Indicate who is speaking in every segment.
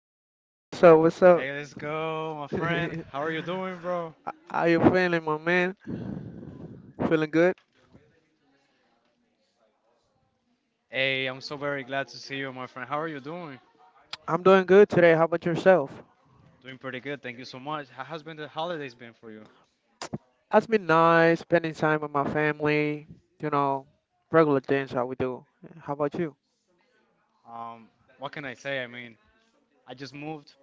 Speaker 1: yeah, yo, what's up, what's up?
Speaker 2: Hey, let's go, my friend.
Speaker 1: H-
Speaker 2: How are you doing, bro?
Speaker 1: How you feeling, my man? Feeling good?
Speaker 2: Hey, I'm so very glad to see you, my friend. How are you doing?
Speaker 1: I'm doing good today. How about yourself?
Speaker 2: Doing pretty good. Thank you so much. How has been the holidays been for you?
Speaker 1: It's been nice spending time with my family, you know, regular things how we do. How about you?
Speaker 2: Um, what can I say? I mean, I just moved.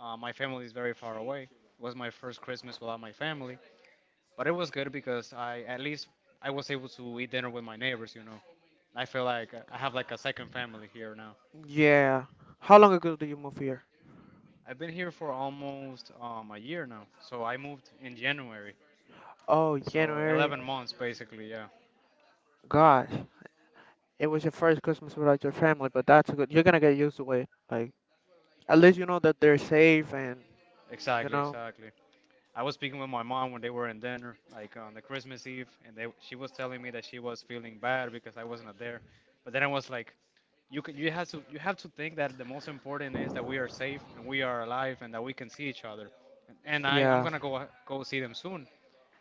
Speaker 2: My family is very far away. It was my first Christmas without my family, but it was good because I at least I was able to eat dinner with my neighbors. I feel like I have like a second family here now.
Speaker 1: Yeah. How long ago did you move here?
Speaker 2: I've been here for almost a year now. So I moved in January.
Speaker 1: Oh,
Speaker 2: So
Speaker 1: January.
Speaker 2: 11 months basically, yeah.
Speaker 1: Gosh, it was your first Christmas without your family, but that's good. You're gonna get used to it. Like, at least you know that they're safe and, you
Speaker 2: Exactly,
Speaker 1: know,
Speaker 2: exactly. I was speaking with my mom when they were in dinner, like on the Christmas Eve, and they she was telling me that she was feeling bad because I wasn't there. But then I was like, you have to think that the most important is that we are safe and we are alive and that we can see each other. And I'm
Speaker 1: yeah.
Speaker 2: gonna go see them soon.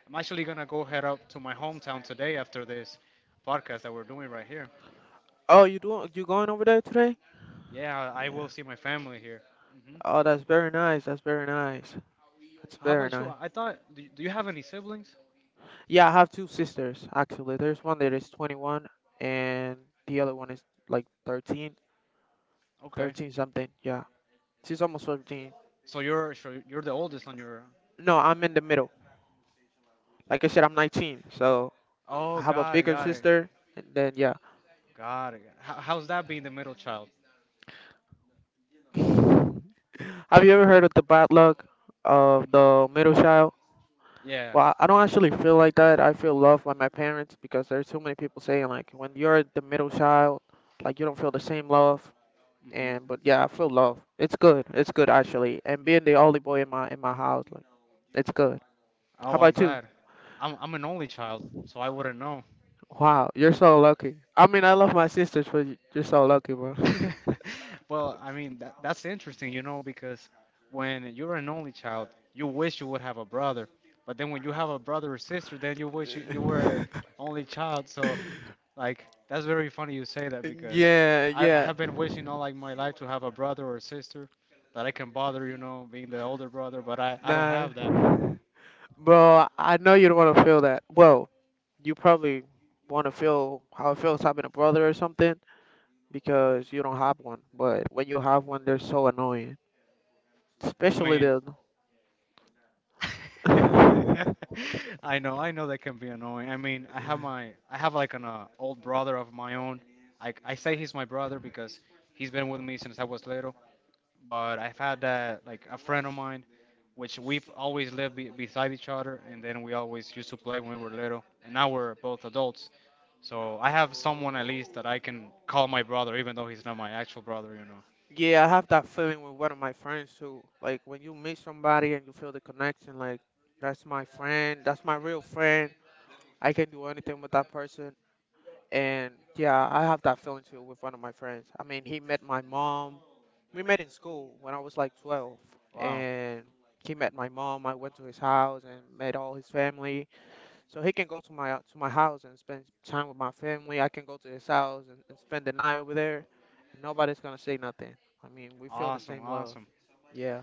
Speaker 2: I'm actually gonna go head up to my hometown today after this podcast that we're doing right here.
Speaker 1: Oh, you doing, you going over there today?
Speaker 2: Yeah, I will see my family here. Hmm.
Speaker 1: Oh, that's very nice. That's very nice. That's
Speaker 2: How
Speaker 1: very
Speaker 2: about you?
Speaker 1: nice.
Speaker 2: I thought do you have any siblings?
Speaker 1: Yeah, I have two sisters actually. There's one that is 21 and the other one is like 13,
Speaker 2: Okay.
Speaker 1: 13 something. Yeah. She's almost 13.
Speaker 2: So you're the oldest on your.
Speaker 1: No, I'm in the middle. Like I said, I'm 19. So I
Speaker 2: Oh,
Speaker 1: have a
Speaker 2: got it,
Speaker 1: bigger
Speaker 2: got it,
Speaker 1: sister and then yeah.
Speaker 2: got it. How's that being the middle child?
Speaker 1: Have you ever heard of the bad luck of the middle child?
Speaker 2: Yeah.
Speaker 1: Well, I don't actually feel like that. I feel loved by my parents because there's too many people saying like when you're the middle child, like you don't feel the same love. And
Speaker 2: Hmm.
Speaker 1: but yeah, I feel love. It's good. It's good actually. And being the only boy in my house, like it's good. How
Speaker 2: Oh, I'm
Speaker 1: about you?
Speaker 2: glad. I'm an only child, so I wouldn't know.
Speaker 1: Wow, you're so lucky. I mean, I love my sisters, but y- you're so lucky, bro.
Speaker 2: Well, I mean that's interesting, because when you're an only child, you wish you would have a brother, but then when you have a brother or sister, then you wish you were only child. So like that's very funny you say that because
Speaker 1: Yeah,
Speaker 2: I
Speaker 1: yeah.
Speaker 2: have been wishing all like my life to have a brother or sister that I can bother, being the older brother, but I don't
Speaker 1: Nah.
Speaker 2: have that.
Speaker 1: Bro, I know you don't want to feel that. Well, you probably want to feel how it feels having a brother or something because you don't have one. But when you have one, they're so annoying.
Speaker 2: I
Speaker 1: Especially
Speaker 2: mean
Speaker 1: the
Speaker 2: I know that can be annoying. I mean, I have my I have like an old brother of my own. I say he's my brother because he's been with me since I was little, but I've had that like a friend of mine which we've always lived beside each other and then we always used to play when we were little and now we're both adults. So I have someone at least that I can call my brother, even though he's not my actual brother.
Speaker 1: Yeah, I have that feeling with one of my friends too. Like when you meet somebody and you feel the connection, like that's my friend, that's my real friend. I can do anything with that person. And yeah, I have that feeling too with one of my friends. I mean, he met my mom. We met in school when I was like 12,
Speaker 2: Wow.
Speaker 1: and he met my mom. I went to his house and met all his family so he can go to my house and spend time with my family. I can go to his house and spend the night over there, and nobody's gonna say nothing. I mean, we feel the
Speaker 2: Awesome,
Speaker 1: same love.
Speaker 2: awesome.
Speaker 1: Yeah,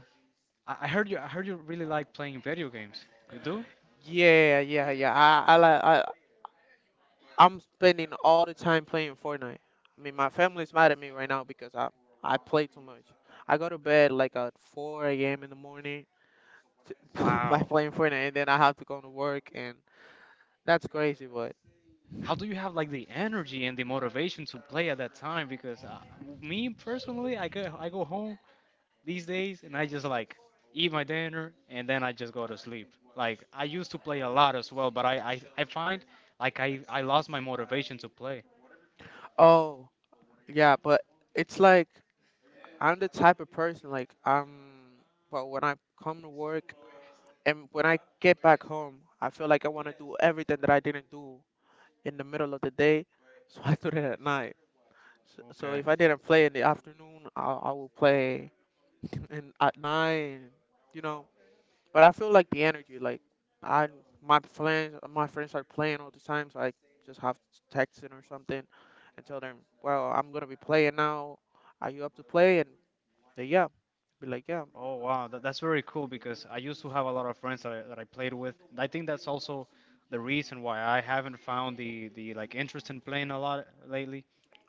Speaker 2: I heard you. I heard you really like playing video games. You do?
Speaker 1: yeah, yeah, yeah. I like I I'm spending all the time playing Fortnite. I mean, my family's mad at me right now because I play too much. I go to bed like at 4 a.m. in the morning to, by
Speaker 2: Wow.
Speaker 1: playing Fortnite, and then I have to go to work, and that's crazy. But
Speaker 2: How do you have like the energy and the motivation to play at that time? Because me personally, I go home. These days, and I just like eat my dinner and then I just go to sleep. Like I used to play a lot as well, but I find like I lost my motivation to play.
Speaker 1: oh yeah, but it's like. I'm the type of person like I'm well when I come to work and when I get back home, I feel like I want to do everything that I didn't do in the middle of the day, so I do it at night. So
Speaker 2: Okay.
Speaker 1: if I didn't play in the afternoon, I will play in at night, you know. But I feel like the energy, like I my friends are playing all the time, so I just have to text them or something and tell them, well, I'm gonna be playing now. Are you up to play? And they yeah be like, yeah.
Speaker 2: Oh wow, that's very cool because I used to have a lot of friends that I played with. I think that's also the reason why I haven't found the like interest in playing a lot lately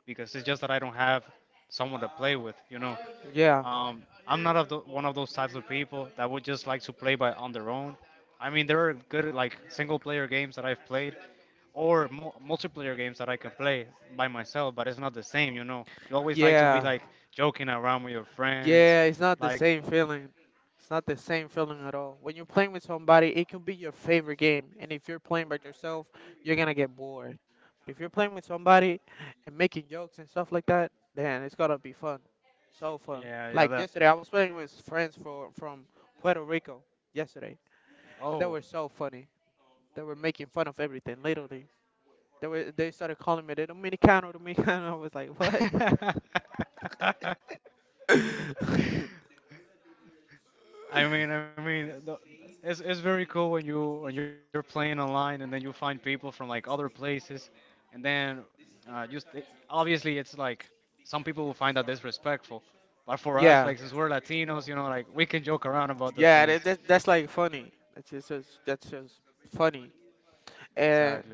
Speaker 2: because it's just that I don't have someone to play with.
Speaker 1: Yeah,
Speaker 2: I'm not of one of those types of people that would just like to play by on their own. I mean, there are good like single player games that I've played or multiplayer games that I can play by myself, but it's not the same, you know. You always like to be
Speaker 1: yeah,
Speaker 2: like joking around with your friends,
Speaker 1: yeah. It's not the
Speaker 2: like
Speaker 1: same feeling. It's not the same feeling at all. When you're playing with somebody, it can be your favorite game, and if you're playing by yourself, you're gonna get bored. But if you're playing with somebody and making jokes and stuff like that, then it's gonna be fun. So fun.
Speaker 2: yeah, yeah,
Speaker 1: Like
Speaker 2: that.
Speaker 1: yesterday, I was playing with friends for from Puerto Rico yesterday, and they
Speaker 2: Oh.
Speaker 1: were so funny. They were making fun of everything, literally. They started calling me the Dominicano, Dominicano. I was like, what?
Speaker 2: I mean, it's very cool when you're playing online and then you find people from like other places, and then obviously it's like some people will find that disrespectful, but for us, like since
Speaker 1: Yeah.
Speaker 2: we're Latinos, like we can joke around about those things.
Speaker 1: Yeah, that that's like funny. That's just funny. And
Speaker 2: Exactly.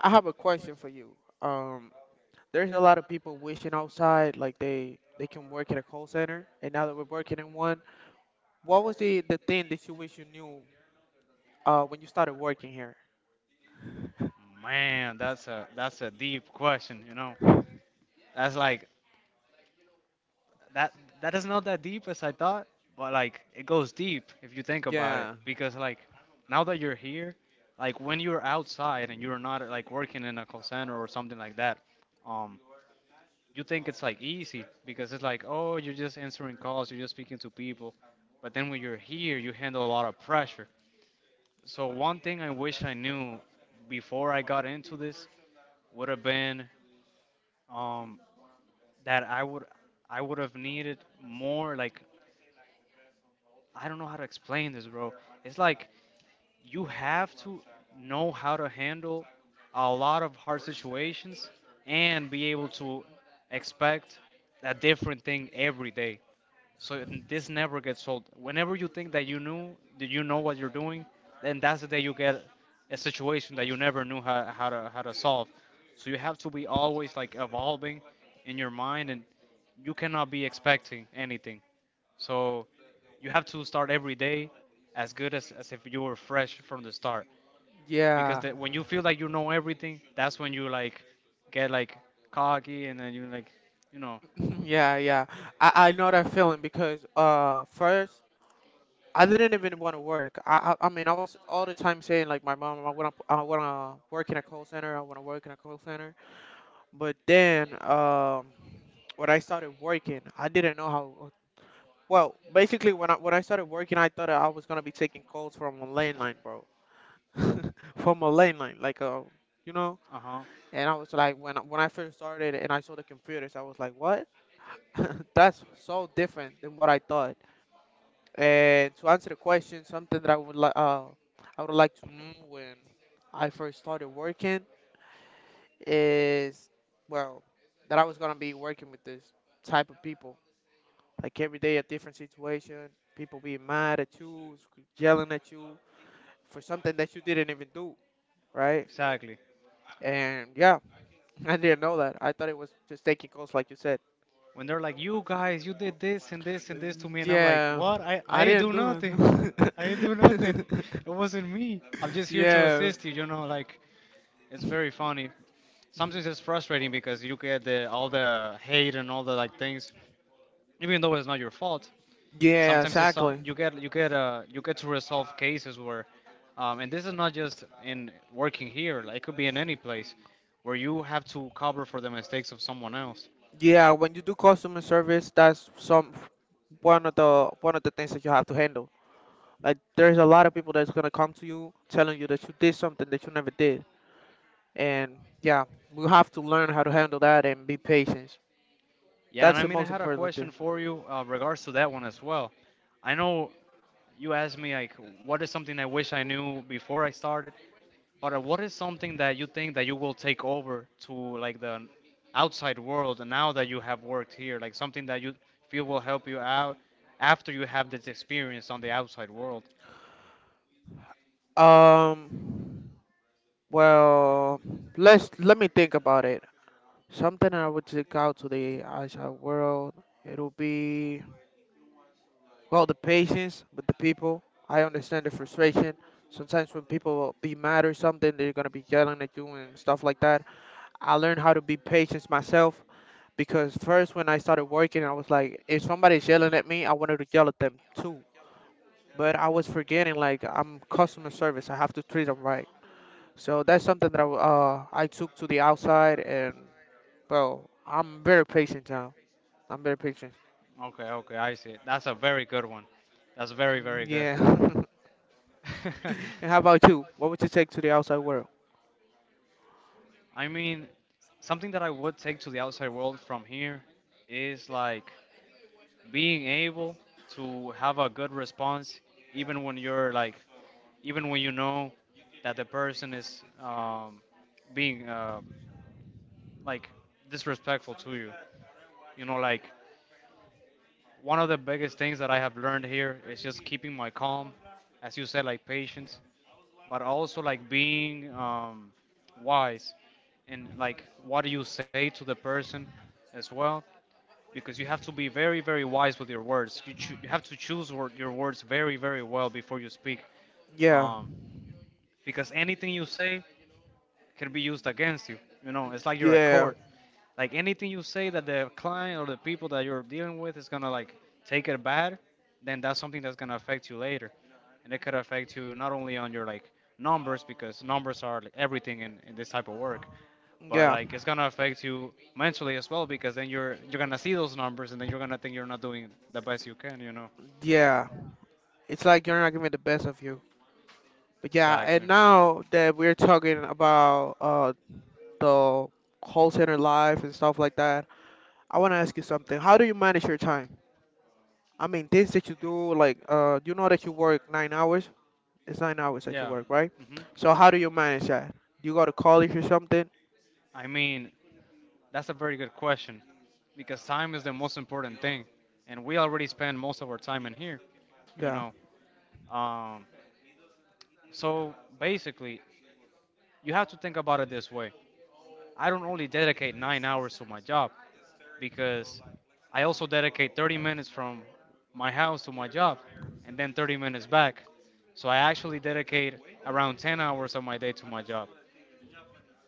Speaker 1: I have a question for you. Um, there's a lot of people wishing outside like they can work at a call center, and now that we're working in one, what was the thing that you wish you knew when you started working here?
Speaker 2: Man, that's a deep question. That's like that that is not that deep as I thought, but like it goes deep if you think about it.
Speaker 1: Yeah,
Speaker 2: Because like now that you're here, like when you're outside and you're not like working in a call center or something like that, um, you think it's like easy because it's like oh you're just answering calls, you're just speaking to people, but then when you're here, you handle a lot of pressure. So one thing I wish I knew before I got into this would have been um, that I would have needed more like I don't know how to explain this, bro. It's like you have to know how to handle a lot of hard situations and be able to expect a different thing every day. So this never gets old. Whenever you think that you knew that you know what you're doing, then that's the day you get a situation that you never knew how to solve. So you have to be always like evolving in your mind and you cannot be expecting anything. So you have to start every day as good as if you were fresh from the start. Because
Speaker 1: yeah,
Speaker 2: when you feel like you know everything, that's when you like get like cocky and then you like, you know,
Speaker 1: yeah, yeah. I know that feeling because first. I didn't even want to work. I mean I was all the time saying like my mom I want to work in a call center. I want to work in a call center. But then, when I started working, I didn't know how. Well, basically, when I started working, I thought I was gonna be taking calls from a landline, bro, from a landline, you know.
Speaker 2: uh huh,
Speaker 1: And I was like, when I first started and I saw the computers, I was like, what? That's so different than what I thought. And to answer the question, something that I would like to know when I first started working is well that I was gonna be working with this type of people. Like every day, a different situation. People being mad at you, sc- yelling at you for something that you didn't even do, right?
Speaker 2: exactly.
Speaker 1: And yeah, I didn't know that. I thought it was just taking calls, like you said.
Speaker 2: When they're like, you guys, you did this and this and this to
Speaker 1: Mm,
Speaker 2: me, and I'm like,
Speaker 1: yeah,
Speaker 2: what? I
Speaker 1: I
Speaker 2: ain't
Speaker 1: didn't
Speaker 2: do
Speaker 1: do
Speaker 2: nothing.
Speaker 1: nothing.
Speaker 2: I didn't do nothing. It wasn't me. I'm just here to
Speaker 1: yeah,
Speaker 2: assist you. Like it's very funny. Sometimes it's frustrating because you get the all the hate and all the like things, even though it's not your fault.
Speaker 1: yeah,
Speaker 2: Sometimes
Speaker 1: exactly.
Speaker 2: you get you get to resolve cases where and this is not just in working here like, it could be in any place where you have to cover for the mistakes of someone else.
Speaker 1: Yeah, when you do customer service, that's some one of the things that you have to handle. Like there's a lot of people that's gonna come to you telling you that you did something that you never did. And yeah, we have to learn how to handle that and be patient.
Speaker 2: Yeah, and
Speaker 1: That's
Speaker 2: I
Speaker 1: the
Speaker 2: mean I
Speaker 1: most
Speaker 2: had a
Speaker 1: important
Speaker 2: question
Speaker 1: thing.
Speaker 2: for you regards to that one as well. I know you asked me like what is something I wish I knew before I started. Or what is something that you think that you will take over to like the outside world now that you have worked here? Like something that you feel will help you out after you have this experience on the outside world.
Speaker 1: Um, well, let me think about it. Something I would take out to the outside world, it'll be well the patience with the people. I understand the frustration. Sometimes when people be mad or something, they're gonna be yelling at you and stuff like that. I learned how to be patient myself because first when I started working, I was like, if somebody's yelling at me, I wanted to yell at them too. But I was forgetting like I'm customer service. I have to treat them right. So that's something that I took to the outside and well, I'm very patient now. I'm very patient.
Speaker 2: Okay, okay, I see. That's a very good one. That's very, very good.
Speaker 1: Yeah. And how about you? What would you take to the outside world?
Speaker 2: I mean, something that I would take to the outside world from here is like being able to have a good response even when you're like even when you know that the person is being like disrespectful to you. Like one of the biggest things that I have learned here is just keeping my calm, as you said, like patience, but also like being wise and like what do you say to the person as well, because you have to be very very wise with your words you have to choose your words very very well before you speak.
Speaker 1: Yeah.
Speaker 2: Um, because anything you say can be used against you. It's like you're at
Speaker 1: Yeah.
Speaker 2: court. Like anything you say that the client or the people that you're dealing with is gonna like take it bad, then that's something that's gonna affect you later, and it could affect you not only on your like numbers, because numbers are like, everything in this type of work, but
Speaker 1: Yeah.
Speaker 2: like it's gonna affect you mentally as well because then you're gonna see those numbers and then you're gonna think you're not doing the best you can. You know,
Speaker 1: Yeah. It's like you're not giving the best of you. But yeah,
Speaker 2: exactly.
Speaker 1: and now that we're talking about the call center life and stuff like that. I want to ask you something. How do you manage your time? I mean, things that you do, like, you know that you work 9 hours. It's 9 hours that you
Speaker 2: Yeah.
Speaker 1: work, right?
Speaker 2: Hmm.
Speaker 1: So how do you manage that? You go to college or something?
Speaker 2: I mean, that's a very good question because time is the most important thing, and we already spend most of our time in here, you
Speaker 1: Yeah,
Speaker 2: know. Um, so basically, you have to think about it this way. I don't only dedicate 9 hours to my job because I also dedicate 30 minutes from my house to my job and then 30 minutes back. So I actually dedicate around 10 hours of my day to my job.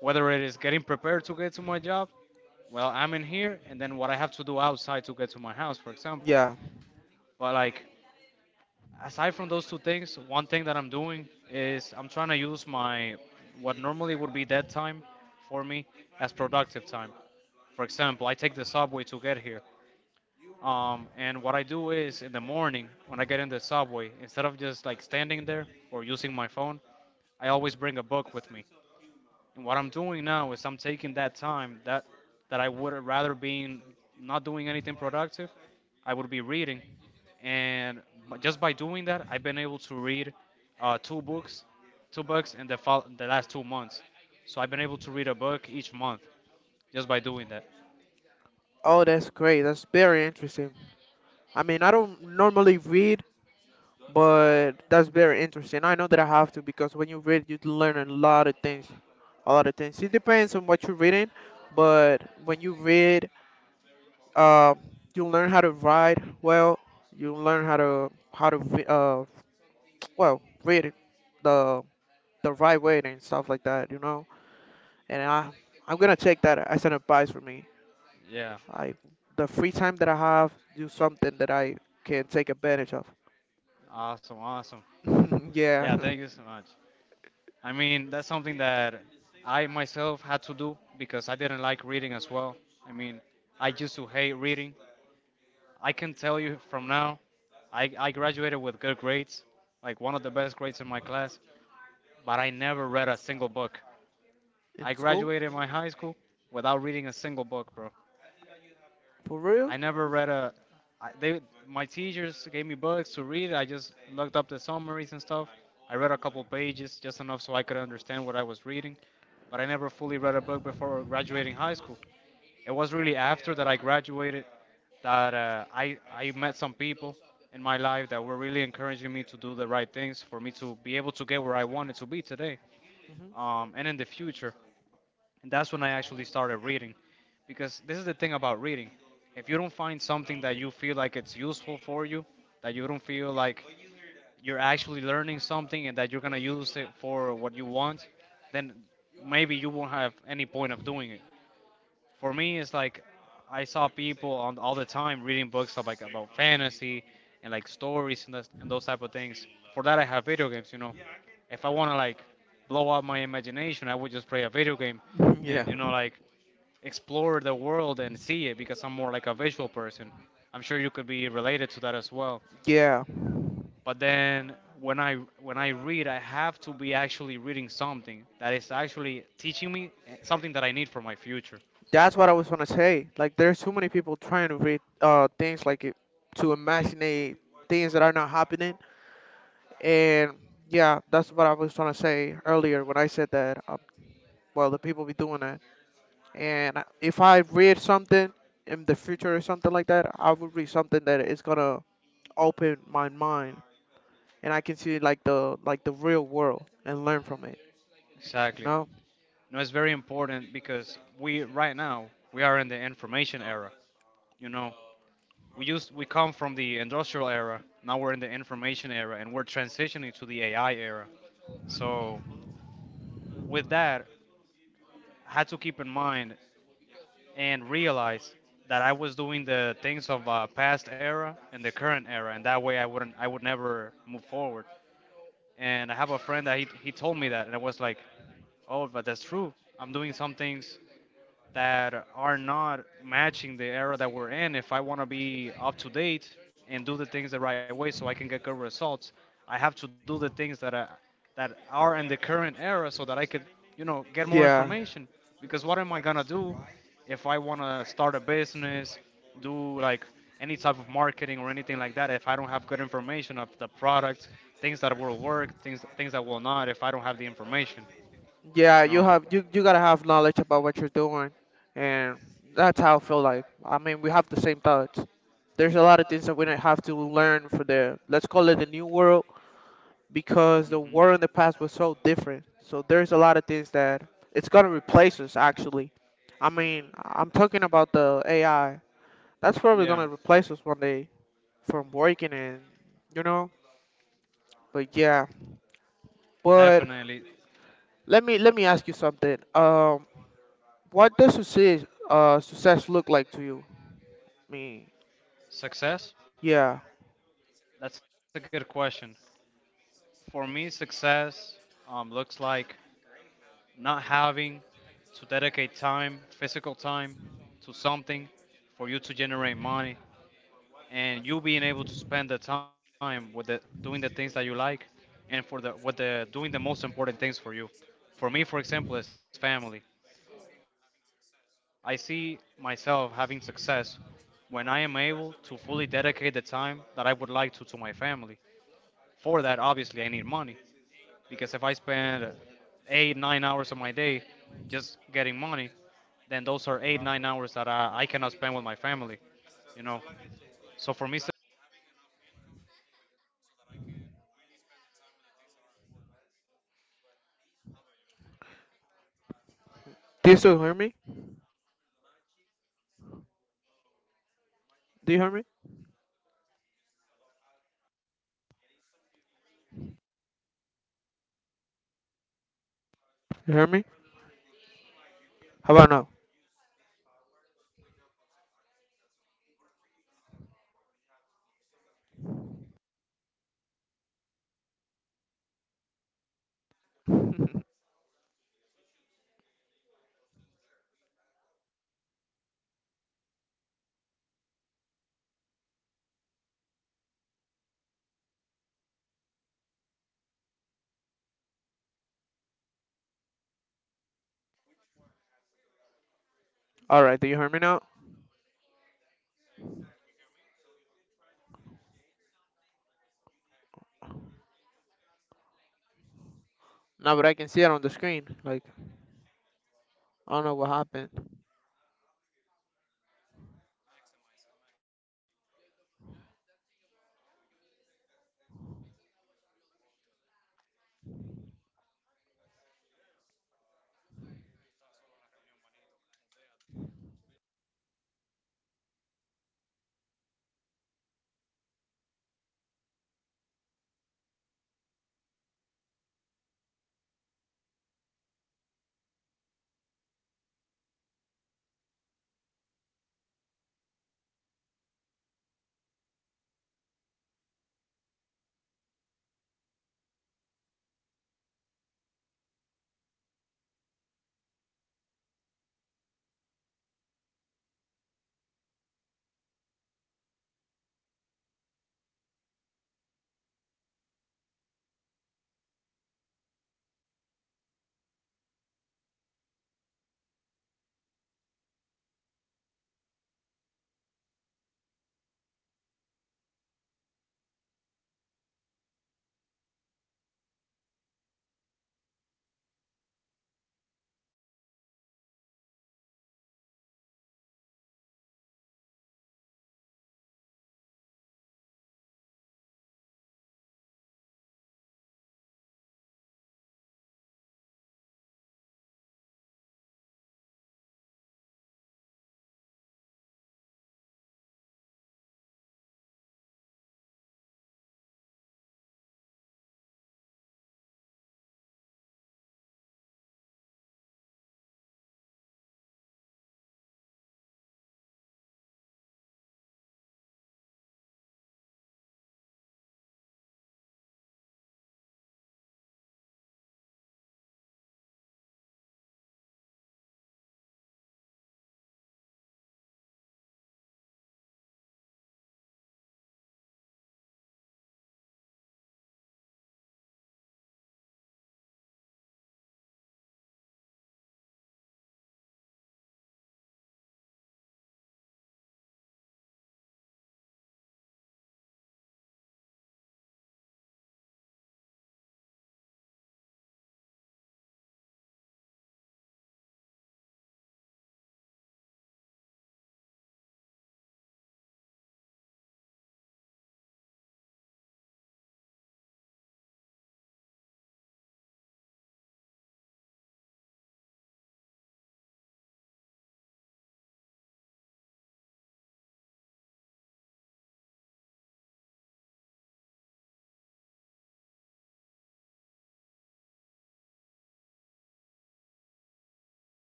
Speaker 2: Whether it is getting prepared to get to my job, well, I'm in here, and then what I have to do outside to get to my house, for example.
Speaker 1: yeah.
Speaker 2: But like aside from those two things, one thing that I'm doing is I'm trying to use my what normally would be dead time for me as productive time. For example, I take the subway to get here. And what I do is in the morning when I get in the subway, instead of just like standing there or using my phone, I always bring a book with me. And what I'm doing now is I'm taking that time that I would rather be not doing anything productive, I would be reading and just by doing that, I've been able to read uh, two books, two books in the last 2 months. So I've been able to read a book each month just by doing that.
Speaker 1: Oh, that's great. That's very interesting. I mean, I don't normally read, but that's very interesting. I know that I have to because when you read, you learn a lot of things. A lot of things. It depends on what you're reading, but when you read, uh, you learn how to write well. You learn how to well read it the the right way and stuff like that, you know. And I'm gonna take that as an advice for me,
Speaker 2: Yeah.
Speaker 1: like the free time that I have, do something that I can take advantage of.
Speaker 2: Awesome, awesome.
Speaker 1: Yeah.
Speaker 2: Yeah, thank you so much. I mean, that's something that I myself had to do because I didn't like reading as well. I mean, I used to hate reading. I can tell you from now, I graduated with good grades, like one of the best grades in my class, but I never read a single book.
Speaker 1: In
Speaker 2: I
Speaker 1: school.
Speaker 2: graduated my high school without reading a single book, bro.
Speaker 1: For real.
Speaker 2: I never read a. They my teachers gave me books to read. I just looked up the summaries and stuff. I read a couple pages, just enough so I could understand what I was reading, but I never fully read a book before graduating high school. It was really after that I graduated that I met some people in my life that were really encouraging me to do the right things for me to be able to get where I wanted to be today, and in the future. And that's when I actually started reading. Because this is the thing about reading. If you don't find something that you feel like it's useful for you, that you don't feel like you're actually learning something and that you're going to use it for what you want, then maybe you won't have any point of doing it. For me, it's like I saw people on all the time reading books of like about fantasy and like stories and those type of things. For that, I have video games, you know. If I want to like blow out my imagination, I would just play a video game
Speaker 1: Hmm. Yeah.
Speaker 2: and you know like explore the world and see it because I'm more like a visual person. I'm sure you could be related to that as well.
Speaker 1: Yeah,
Speaker 2: But then when I read, I have to be actually reading something that is actually teaching me something that I need for my future.
Speaker 1: that's what I was gonna say. Like, there's too many people trying to read things like it, to imaginate things that are not happening. And yeah, that's what I was trying to say earlier when I said that, well, the people be doing that. And I- if I read something in the future or something like that, I would read something that is gonna open my mind and I can see like the real world and learn from it.
Speaker 2: Exactly.
Speaker 1: No?
Speaker 2: No, it's very important because we right now we are in the information era. You know, we come from the industrial era. Now we're in the information era, and we're transitioning to the AI era. So with that, I had to keep in mind and realize that I was doing the things of past era and the current era, and that way I wouldn't, I would never move forward. And I have a friend that he told me that, and I was like, oh, but that's true. I'm doing some things that are not matching the era that we're in. If I want to be up to date and do the things the right way so I can get good results, I have to do the things that are in the current era so that I could, you know, get more
Speaker 1: Yeah.
Speaker 2: information. Because what am I gonna do if I want to start a business, do like any type of marketing or anything like that if I don't have good information of the product, things that will work, things that will not if I don't have the information,
Speaker 1: Yeah,
Speaker 2: you
Speaker 1: you
Speaker 2: know.
Speaker 1: have you gotta have knowledge about what you're doing, and that's how I feel like. I mean, we have the same thoughts. There's a lot of things that we don't have to learn for the, let's call it, the new world, because the world in
Speaker 2: Mhm.
Speaker 1: the past was so different. So there's a lot of things that it's gonna replace us actually. I mean, I'm talking about the AI. That's probably gonna
Speaker 2: Yeah.
Speaker 1: replace us one day from working and, you know. But yeah. But
Speaker 2: Definitely.
Speaker 1: Let me let me ask you something. What does success success look like to you? I mean,
Speaker 2: Success?
Speaker 1: yeah.
Speaker 2: That's a good question. For me, success looks like not having to dedicate time, physical time, to something for you to generate money, and you being able to spend the time with the doing the things that you like, and for the with the doing the most important things for you. For me, for example, is family. I see myself having success when I am able to fully dedicate the time that I would like to my family. For that, obviously, I need money because if I spend 8, 9 hours of my day just getting money, then those are 8 9 hours that I cannot spend with my family you know so for me success l-
Speaker 1: Do you still hear me? Do you hear me? You hear me? How about now? All right. Do you hear me now? No, but I can see it on the screen. Like I don't know what happened.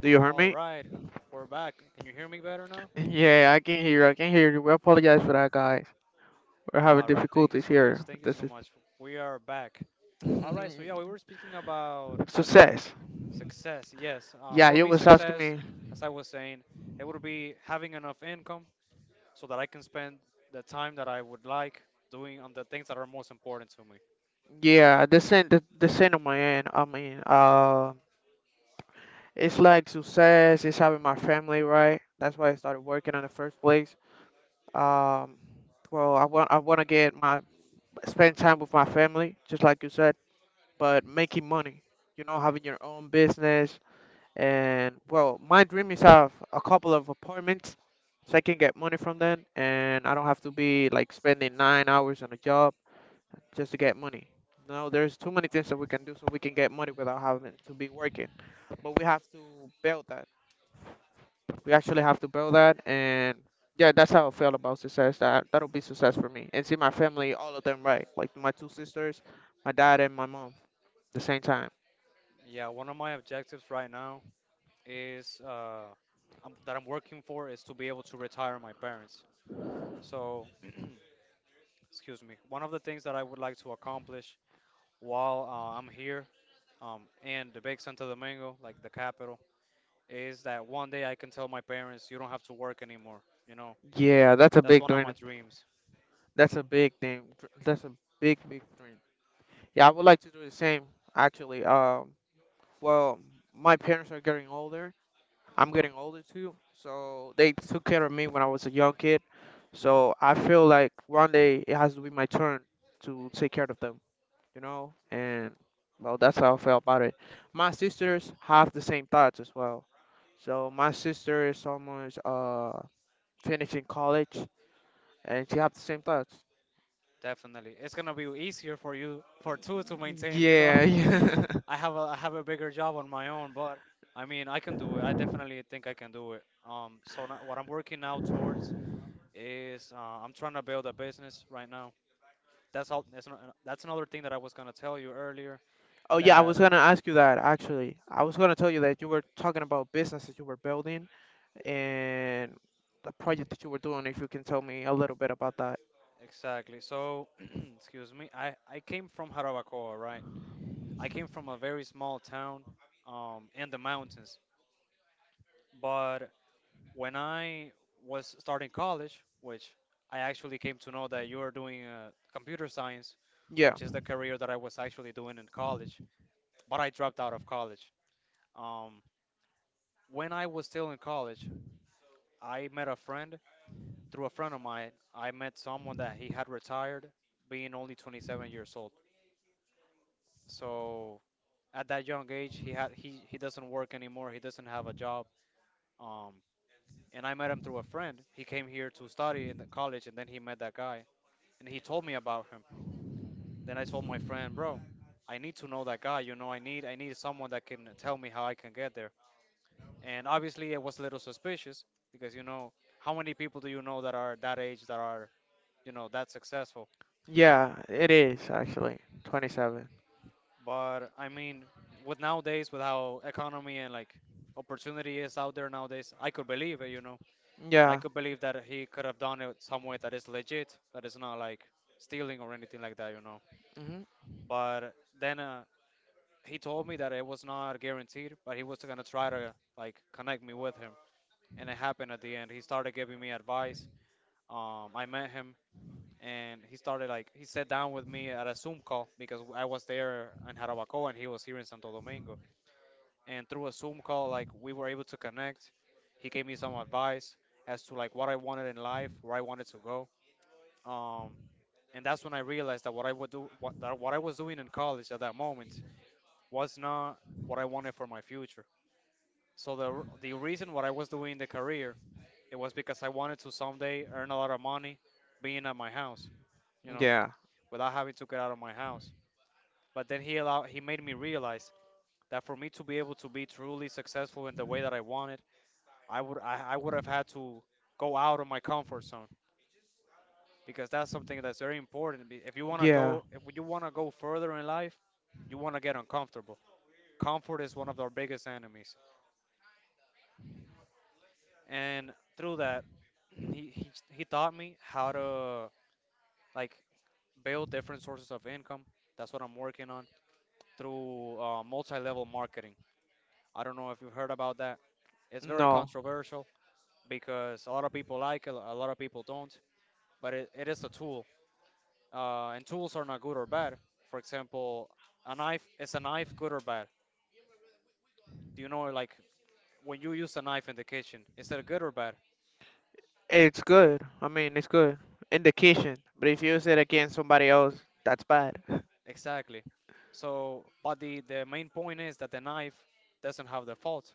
Speaker 1: Do you hear
Speaker 3: All
Speaker 1: me?
Speaker 3: right, we're back. Can you hear me better now?
Speaker 1: Yeah, I can hear you. We apologize for that, guys. We're having
Speaker 3: All right, thank you
Speaker 1: difficulties
Speaker 3: so much.
Speaker 1: here.
Speaker 3: Thank you
Speaker 1: This
Speaker 3: so
Speaker 1: is
Speaker 3: much. We are back. All right, so yeah, we were speaking about
Speaker 1: success.
Speaker 3: success. Yes,
Speaker 1: Yeah,
Speaker 3: for
Speaker 1: you
Speaker 3: me,
Speaker 1: was asking
Speaker 3: success,
Speaker 1: me.
Speaker 3: as I was saying, it would be having enough income so that I can spend the time that I would like doing on the things that are most important to me.
Speaker 1: Yeah, the same. The same on my end. I mean, it's like success. It's having my family, right? That's why I started working in the first place. Um, well, I want to get my spend time with my family, just like you said. But making money, having your own business, and well, my dream is have a couple of apartments so I can get money from them and I don't have to be like spending 9 hours on a job just to get money. No, there's too many things that we can do so we can get money without having to be working. But we have to build that. We actually have to build that, and yeah, that's how I feel about success. That'll be success for me. And see my family, all of them, right? Like my two sisters, my dad, and my mom the same time.
Speaker 3: Yeah, one of my objectives right now is that I'm working for is to be able to retire my parents. So, excuse me, one of the things that I would like to accomplish while I'm here, in the big Santo Domingo, like the capital, is that one day I can tell my parents, you don't have to work anymore. You know,
Speaker 1: Yeah, that's a
Speaker 3: that's
Speaker 1: big
Speaker 3: one of my
Speaker 1: dream.
Speaker 3: dreams,
Speaker 1: That's a big thing. That's a big, big dream. Yeah, I would like to do the same, actually. Well, my parents are getting older. I'm getting older too. So they took care of me when I was a young kid. So I feel like one day it has to be my turn to take care of them, you know? And well, that's how I feel about it. My sisters have the same thoughts as well. So my sister is almost finishing college, and she have the same thoughts.
Speaker 3: definitely. It's gonna be easier for you, for two to maintain. You know,
Speaker 1: Yeah, yeah.
Speaker 3: I have a bigger job on my own, but I mean, I can do it. I definitely think I can do it. So now, what I'm working now towards is I'm trying to build a business right now. That's all. That's, not, that's another thing that I was gonna tell you earlier.
Speaker 1: Oh yeah, I
Speaker 3: That
Speaker 1: was gonna ask you that actually. I was gonna tell you that you were talking about businesses you were building and the project that you were doing, if you can tell me a little bit about that.
Speaker 3: Exactly. So, excuse me. I came from Jarabacoa, right? I came from a very small town, in the mountains. But when I was starting college, which I actually came to know that you are doing computer science,
Speaker 1: Yeah.
Speaker 3: which is the career that I was actually doing in college. But I dropped out of college. Um, when I was still in college, I met a friend through a friend of mine. I met someone that he had retired, being only 27 years old. So at that young age he doesn't work anymore. He doesn't have a job. Um and i met him through a friend. He came here to study in the college, and then he met that guy, and he told me about him. Then I told my friend, bro, I need to know that guy. You know, i need someone that can tell me how I can get there. And obviously, it was a little suspicious because, you know, how many people do you know that are that age that are, you know, that successful?
Speaker 1: Yeah, it is actually. 27.
Speaker 3: But I mean, with nowadays, with how economy and like opportunity is out there nowadays, I could believe it, you know. And I
Speaker 1: Yeah.
Speaker 3: could believe that he could have done it some way that is legit, that is not like stealing or anything like that, you know.
Speaker 1: Hmm.
Speaker 3: But then he told me that it was not guaranteed, but he was gonna try to like connect me with him. And it happened at the end. He started giving me advice. I met him, and he started like he sat down with me at a Zoom call because I was there in Jarabacoa and he was here in Santo Domingo. And through a Zoom call, like we were able to connect. He gave me some advice as to like what I wanted in life, where I wanted to go. Um, and that's when I realized that what I would do, what, that what I was doing in college at that moment was not what I wanted for my future. So the the reason what I was doing in the career, it was because I wanted to someday earn a lot of money, being at my house, you know,
Speaker 1: Yeah.
Speaker 3: without having to get out of my house. But then he allowed, he made me realize that for me to be able to be truly successful in the way that I wanted, I would have had to go out of my comfort zone because that's something that's very important. Be- If you want to
Speaker 1: Yeah.
Speaker 3: go, if you want to go further in life, you want to get uncomfortable. Comfort is one of our biggest enemies. And through that, he taught me how to like build different sources of income. That's what I'm working on through multi-level marketing. I don't know if you've heard about that. It's very
Speaker 1: No.
Speaker 3: controversial because a lot of people like it, a lot of people don't. But it is a tool, and tools are not good or bad. For example, a knife, is a knife good or bad? Do you know, like, when you use a knife in the kitchen, is that good or bad?
Speaker 1: It's good. I mean, it's good in the kitchen, but if you use it against somebody else, that's bad.
Speaker 3: Exactly. So, but the main point is that the knife doesn't have the fault.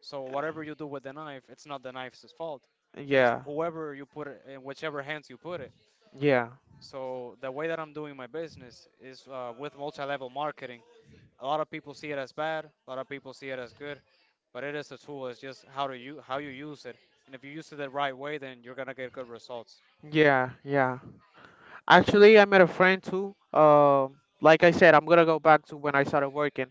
Speaker 3: So whatever you do with the knife, it's not the knife's fault. It's
Speaker 1: Yeah.
Speaker 3: whoever you put it in, whichever hands you put it.
Speaker 1: Yeah.
Speaker 3: So the way that I'm doing my business is with multi-level marketing. A lot of people see it as bad. A lot of people see it as good. But it is a tool. It's just how do you how you use it. And if you use it the right way, then you're gonna get good results.
Speaker 1: Yeah, yeah. Actually, I met a friend too. Like I said, I'm gonna go back to when I started working.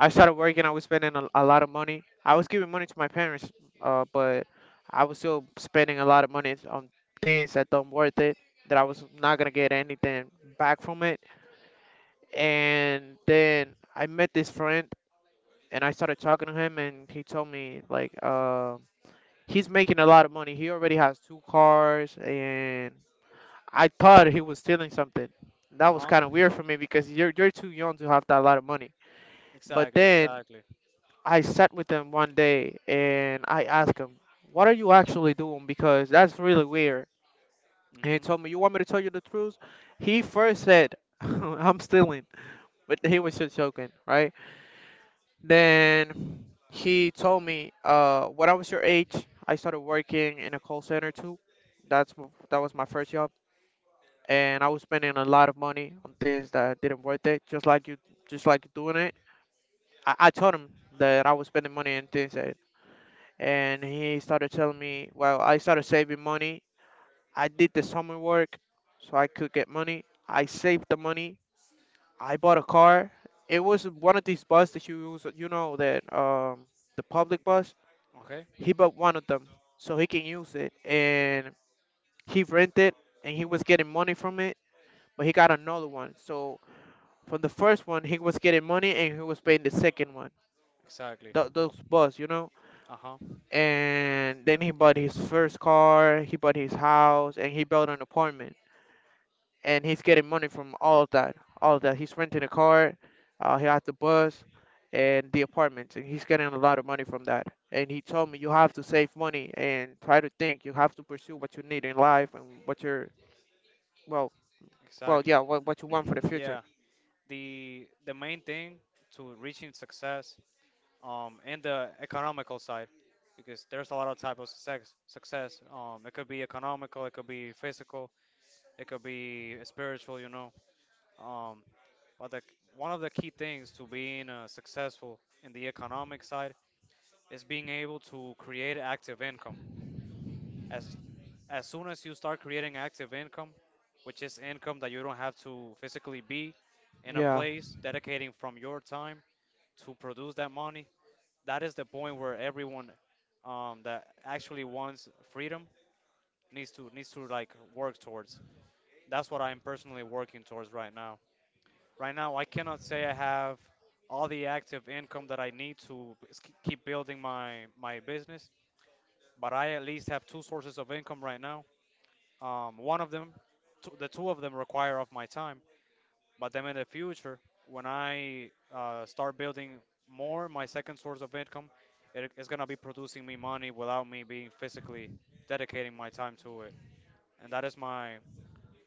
Speaker 1: I started working. I was spending a lot of money. I was giving money to my parents, but I was still spending a lot of money on things that don't worth it. That I was not gonna get anything back from it. And then I met this friend, and I started talking to him, and he told me like, he's making a lot of money. He already has two cars, and I thought he was stealing something. That
Speaker 3: Uh
Speaker 1: was
Speaker 3: huh.
Speaker 1: kind of weird for me because you're too young to have that lot of money. But
Speaker 3: Exactly.
Speaker 1: then
Speaker 3: Exactly.
Speaker 1: I sat with him one day and I asked him, "What are you actually doing? Because that's really weird."
Speaker 3: Mm
Speaker 1: And he
Speaker 3: hmm.
Speaker 1: told me, "You want me to tell you the truth?" He first said, "I'm stealing," but he was just joking, right? Then he told me, "When I was your age, I started working in a call center too. That was my first job, and I was spending a lot of money on things that didn't worth it, just like you doing it." I told him that I was spending money on things that, and he started telling me, well, I started saving money. I did the summer work so I could get money. I saved the money. I bought a car. It was one of these buses that you use, that the public bus.
Speaker 3: Okay.
Speaker 1: He bought one of them so he can use it, and he rented, and he was getting money from it. But he got another one. So from the first one, he was getting money, and he was paying the second one.
Speaker 3: Exactly.
Speaker 1: Those bus,
Speaker 3: Uh huh.
Speaker 1: And then he bought his first car, he bought his house, and he built an apartment. And he's getting money from all of that, all of that. He's renting a car, he has the bus, and the apartments, and he's getting a lot of money from that. And he told me you have to save money and try to think. You have to pursue what you need in life and what you're, well, well,
Speaker 3: Exactly.
Speaker 1: yeah, what you want for the future.
Speaker 3: Yeah, the main thing to reaching success, in the economical side, because there's a lot of type of success, it could be economical, it could be physical, it could be spiritual, you know. Um but the one of the key things to being successful in the economic side is being able to create active income. As soon as you start creating active income, which is income that you don't have to physically be in a
Speaker 1: Yeah.
Speaker 3: place dedicating from your time to produce that money, that is the point where everyone, that actually wants freedom, needs to like work towards. That's what I'm personally working towards right now. Right now, I cannot say I have all the active income that I need to keep building my business, but I at least have two sources of income right now. One of them, two, the two of them require of my time. But then in the future, when I start building more my second source of income, it is gonna be producing me money without me being physically dedicating my time to it. And that is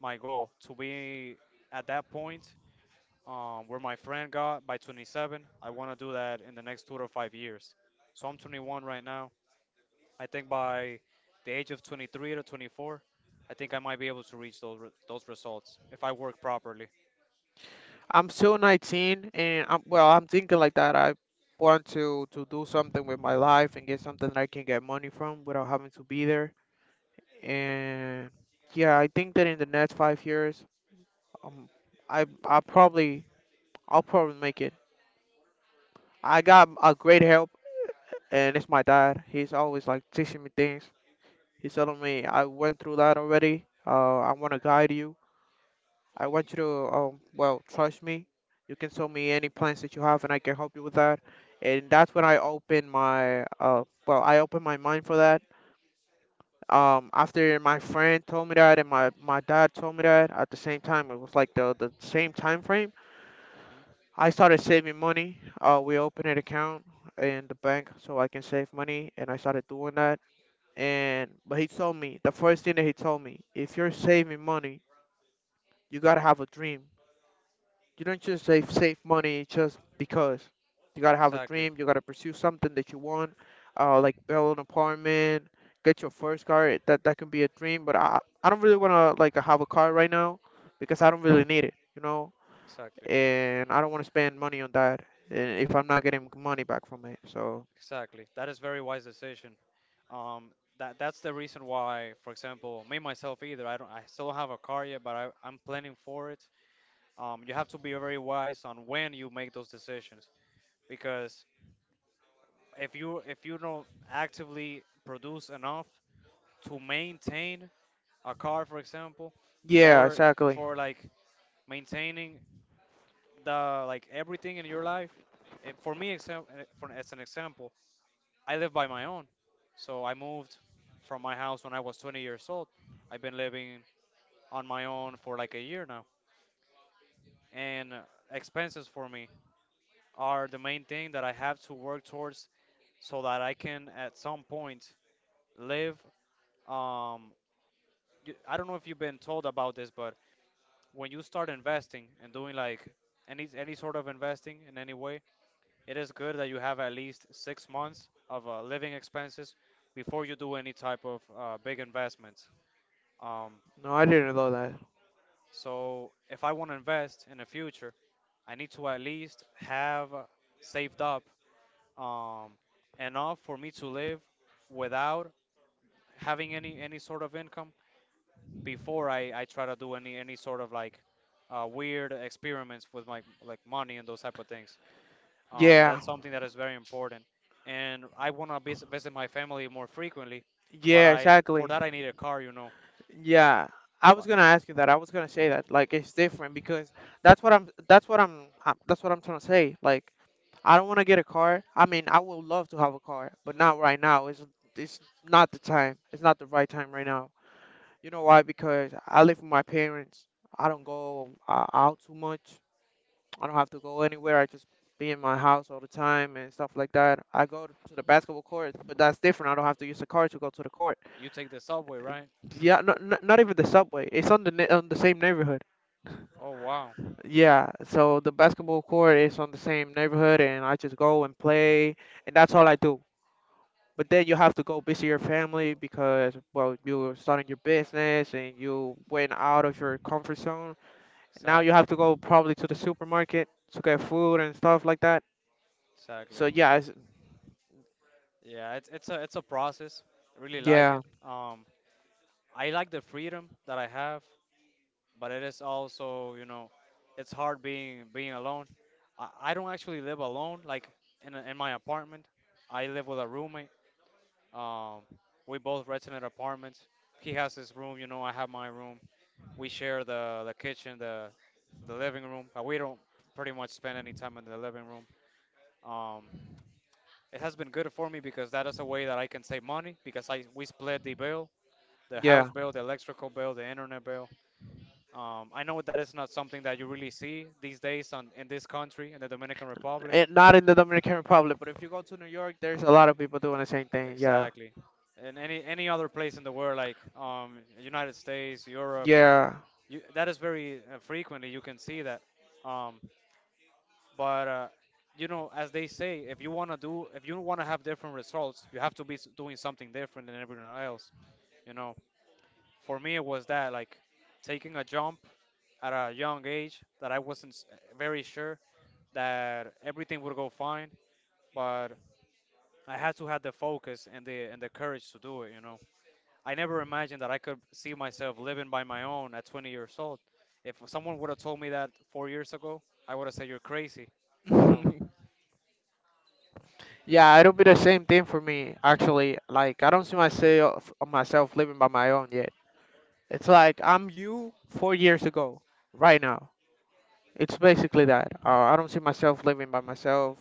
Speaker 3: my goal, to be at that point, where my friend got by 27. I want to do that in the next 2 to 5 years. So I'm 21 right now. I think by the age of 23 to 24, I think I might be able to reach those those results if I work properly.
Speaker 1: I'm still 19 and I'm thinking like that. I want to do something with my life and get something that I can get money from without having to be there. And yeah, I think that in the next 5 years, um, I I probably I'll probably make it. I got a great help, and it's my dad. He's always like teaching me things. He's telling me I went through that already. I want to guide you, I want you to, well, trust me. You can show me any plans that you have, and I can help you with that. And that's when I opened my, well, I opened my mind for that. After my friend told me that, and my dad told me that at the same time, it was like the same time frame.
Speaker 3: Hmm.
Speaker 1: I started saving money. We opened an account in the bank so I can save money, and I started doing that. And but he told me the first thing that he told me, if you're saving money, you gotta have a dream. You don't just save money just because. You gotta have a
Speaker 3: Exactly.
Speaker 1: dream. You gotta pursue something that you want, like build an apartment, get your first car. That can be a dream, but I don't really wanna like have a car right now because I don't really need it, you know,
Speaker 3: Exactly.
Speaker 1: and I don't wanna spend money on that and if I'm not getting money back from it. So
Speaker 3: Exactly. That is very wise decision. Um, that that's the reason why, for example, me myself either. I don't. I still don't have a car yet, but I'm planning for it. You have to be very wise on when you make those decisions because if you don't actively produce enough to maintain a car, for example,
Speaker 1: yeah,
Speaker 3: or
Speaker 1: exactly.
Speaker 3: for like maintaining the like everything in your life. For me, example, for as an example, I live by my own. So I moved from my house when I was 20 years old. I've been living on my own for like a year now. And expenses for me are the main thing that I have to work towards so that I can at some point live. Um, I don't know if you've been told about this, but when you start investing and doing like any sort of investing in any way, it is good that you have at least 6 months of living expenses before you do any type of big investments. Um,
Speaker 1: No, I didn't know that.
Speaker 3: So if I want to invest in the future, I need to at least have saved up, um, enough for me to live without having any sort of income before I try to do any sort of like weird experiments with my like money and those type of things. And
Speaker 1: Yeah,
Speaker 3: that's something that is very important. And I want to visit my family more frequently, but
Speaker 1: yeah,
Speaker 3: I, for
Speaker 1: exactly.
Speaker 3: that I need a car, you know.
Speaker 1: Yeah, I was
Speaker 3: But
Speaker 1: gonna ask you that. I was gonna say that like it's different because that's what I'm trying to say. Like I don't want to get a car. I mean, I would love to have a car, but not right now. It's not the time. It's not the right time right now. You know why? Because I live with my parents. I don't go out too much. I don't have to go anywhere. I just be in my house all the time and stuff like that. I go to the basketball court, but that's different. I don't have to use a car to go to the court.
Speaker 3: you take the subway, right?
Speaker 1: Yeah, no, no, not even the subway. It's on the ne on the same neighborhood.
Speaker 3: Oh wow,
Speaker 1: Yeah, so the basketball court is on the same neighborhood, and I just go and play, and that's all I do. But then you have to go visit your family because, well, you're starting your business, and you went out of your comfort zone. Now you have
Speaker 3: exactly.
Speaker 1: to go probably to the supermarket to get food and stuff like that.
Speaker 3: Exactly.
Speaker 1: So yeah, it's,
Speaker 3: Yeah, it's a process. I really like
Speaker 1: yeah,
Speaker 3: it. I like the freedom that I have, but it is also, you know, it's hard being alone. I don't actually live alone, like in in my apartment. I live with a roommate. Um, we both rent in an apartment. He has his room, you know, I have my room. We share the kitchen, the living room, but we don't pretty much spend any time in the living room. Um, it has been good for me because that is a way that I can save money because I we split the bill, the house
Speaker 1: yeah.
Speaker 3: bill, the electrical bill, the internet bill. I know that is not something that you really see these days in this country, in the Dominican Republic.
Speaker 1: And not in the Dominican Republic, but if you go to New York, there's a lot of people doing the same thing. Yeah,
Speaker 3: Exactly. In any other place in the world, like United States, Europe,
Speaker 1: yeah.
Speaker 3: you, that is very frequently you can see that. Um, but you know, as they say, if you want to do, if you want to have different results, you have to be doing something different than everyone else. You know, for me it was that like taking a jump at a young age that I wasn't very sure that everything would go fine, but I had to have the focus and the courage to do it, you know. I never imagined that I could see myself living by my own at 20 years old. If someone would have told me that 4 years ago, I would have said you're crazy, you know.
Speaker 1: Yeah, it'll be the same thing for me, actually. Like, I don't see myself living by my own yet. It's like I'm you 4 years ago, right now. It's basically that. I don't see myself living by myself.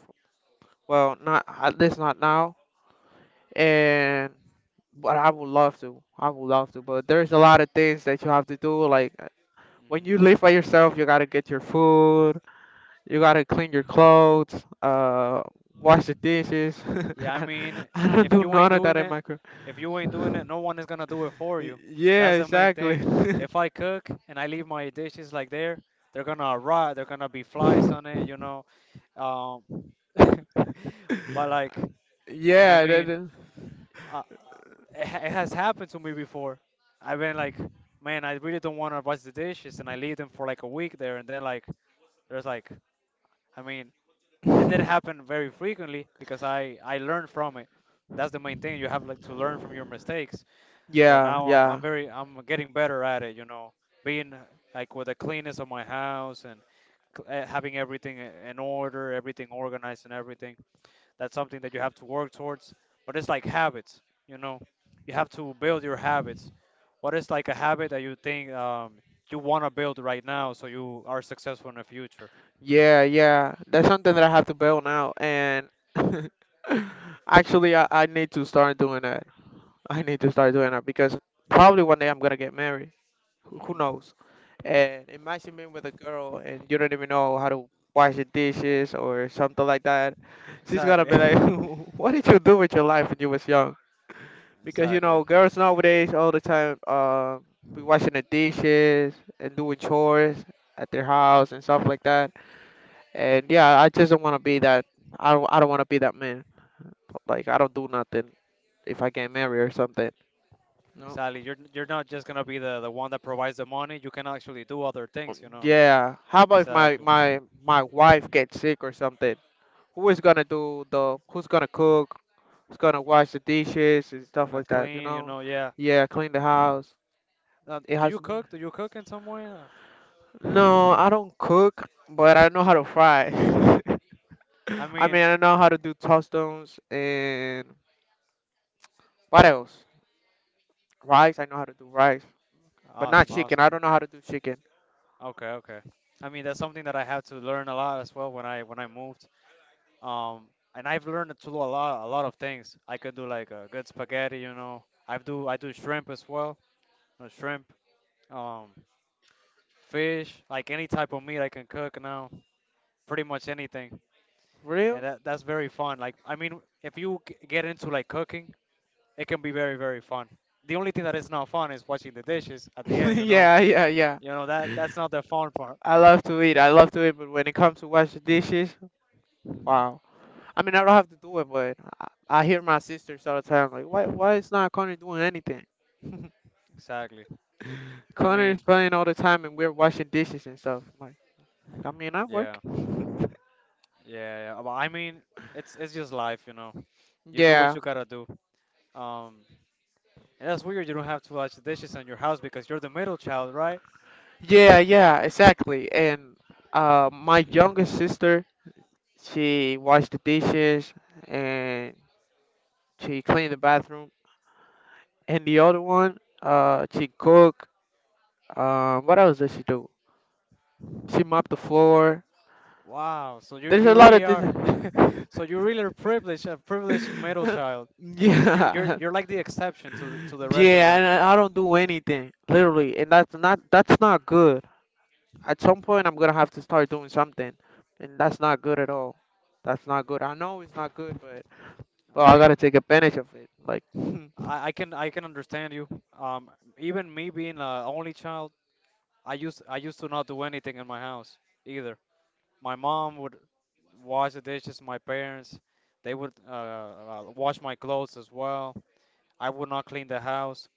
Speaker 1: Well, not at least not now. And but I would love to. I would love to. But there's a lot of things that you have to do. Like when you live
Speaker 3: Hmm.
Speaker 1: by yourself, you gotta get your food. You gotta clean your clothes. Wash the dishes.
Speaker 3: Yeah, I mean,
Speaker 1: I don't
Speaker 3: if
Speaker 1: do
Speaker 3: you ain't
Speaker 1: none of that
Speaker 3: doing
Speaker 1: in
Speaker 3: it,
Speaker 1: my.
Speaker 3: if you ain't doing it, no one is gonna do it for you.
Speaker 1: Yeah,
Speaker 3: That's the main
Speaker 1: exactly.
Speaker 3: thing. If I cook and I leave my dishes like there, they're gonna rot. They're gonna be flies on it, you know. Um, but like I
Speaker 1: Yeah, that.
Speaker 3: mean, uh, it, ha- It has happened to me before. I've been like, man, I really don't want to wash the dishes, and I leave them for like a week there, and then like, there's like, I mean, and that happened very frequently because I learned from it. That's the main thing. You have like to learn from your mistakes. But
Speaker 1: Yeah,
Speaker 3: now
Speaker 1: yeah,
Speaker 3: I'm getting better at it. You know, being like with the cleanness of my house and having everything in order, everything organized, and everything. That's something that you have to work towards. But it's like habits, you know. You have to build your habits. What is like a habit that you think you want to build right now so you are successful in the future?
Speaker 1: yeah, yeah. That's something that I have to build now, and actually, I need to start doing that. I need to start doing that because probably one day I'm gonna get married. Who
Speaker 3: Hmm.
Speaker 1: knows? And imagine being with a girl and you don't even know how to wash the dishes or something like that. She's gonna
Speaker 3: Exactly.
Speaker 1: be like, "What did you do with your life when you was young?" Because you
Speaker 3: Exactly.
Speaker 1: know, girls nowadays all the time be washing the dishes and doing chores at their house and stuff like that. And yeah, I just don't want to be that. I don't. I don't want to be that man. Like I don't do nothing if I get married or something. No.
Speaker 3: Exactly. You're not just gonna be the one that provides the money. You can actually do other things, you know.
Speaker 1: Yeah. How about if my
Speaker 3: Exactly.
Speaker 1: my my wife gets sick or something? Who is gonna do the? Who's gonna cook? Who's gonna wash the dishes and stuff
Speaker 3: Gonna
Speaker 1: like that? You
Speaker 3: clean, you
Speaker 1: know?
Speaker 3: know. Yeah.
Speaker 1: Yeah, clean the house.
Speaker 3: Now,
Speaker 1: It
Speaker 3: do
Speaker 1: has
Speaker 3: you
Speaker 1: to be.
Speaker 3: cook? Do you cook in some way?
Speaker 1: No, I don't cook, but I know how to fry.
Speaker 3: I mean,
Speaker 1: I know how to do tostones and what else? Rice. I know how to do rice, but not
Speaker 3: awesome,
Speaker 1: chicken.
Speaker 3: awesome.
Speaker 1: I don't know how to do chicken.
Speaker 3: Okay, okay. I mean, that's something that I had to learn a lot as well when I moved. Um, and I've learned to do a lot of things. I can do like a good spaghetti, you know. I do shrimp as well. uh, shrimp, um, fish, like any type of meat I can cook now. Pretty much anything,
Speaker 1: Real?
Speaker 3: and that's very fun. Like, I mean, if you get into like cooking, it can be very, very fun. The only thing that is not fun is washing the dishes at the end, you know.
Speaker 1: Yeah, yeah, yeah.
Speaker 3: You know that that's not the fun part.
Speaker 1: I love to eat. I love to eat, but when it comes to wash the dishes, wow. I mean, I don't have to do it, but I hear my sisters all the time like, why is not Connor doing anything?
Speaker 3: Exactly. I
Speaker 1: Connor is
Speaker 3: mean,
Speaker 1: playing all the time, and we're washing dishes and stuff. I'm like I mean, I work.
Speaker 3: yeah, yeah, yeah. But I mean, it's just life, you know. You do what
Speaker 1: Yeah.
Speaker 3: you gotta do. Um, And that's weird. You don't have to wash the dishes in your house because you're the middle child, right?
Speaker 1: Yeah, yeah, exactly. And my youngest sister, she washed the dishes and she cleaned the bathroom. And the other one, she cooked. What else does she do? She mopped the floor.
Speaker 3: Wow. So you
Speaker 1: There's
Speaker 3: you
Speaker 1: a lot
Speaker 3: really
Speaker 1: of things.
Speaker 3: are. So you really are privileged, a privileged middle child. You're you're
Speaker 1: Yeah,
Speaker 3: you're like the exception to to the rest of
Speaker 1: yeah,
Speaker 3: them.
Speaker 1: and I don't do anything, literally, and that's not good. At some point, I'm gonna have to start doing something, and that's not good at all. That's not good. I know it's not good, but
Speaker 3: I
Speaker 1: But I gotta
Speaker 3: mean,
Speaker 1: take advantage of it. Like,
Speaker 3: I can understand you. Um, Even me being a only child, I used to not do anything in my house either. My mom would wash the dishes. My parents, they would wash my clothes as well. I would not clean the house.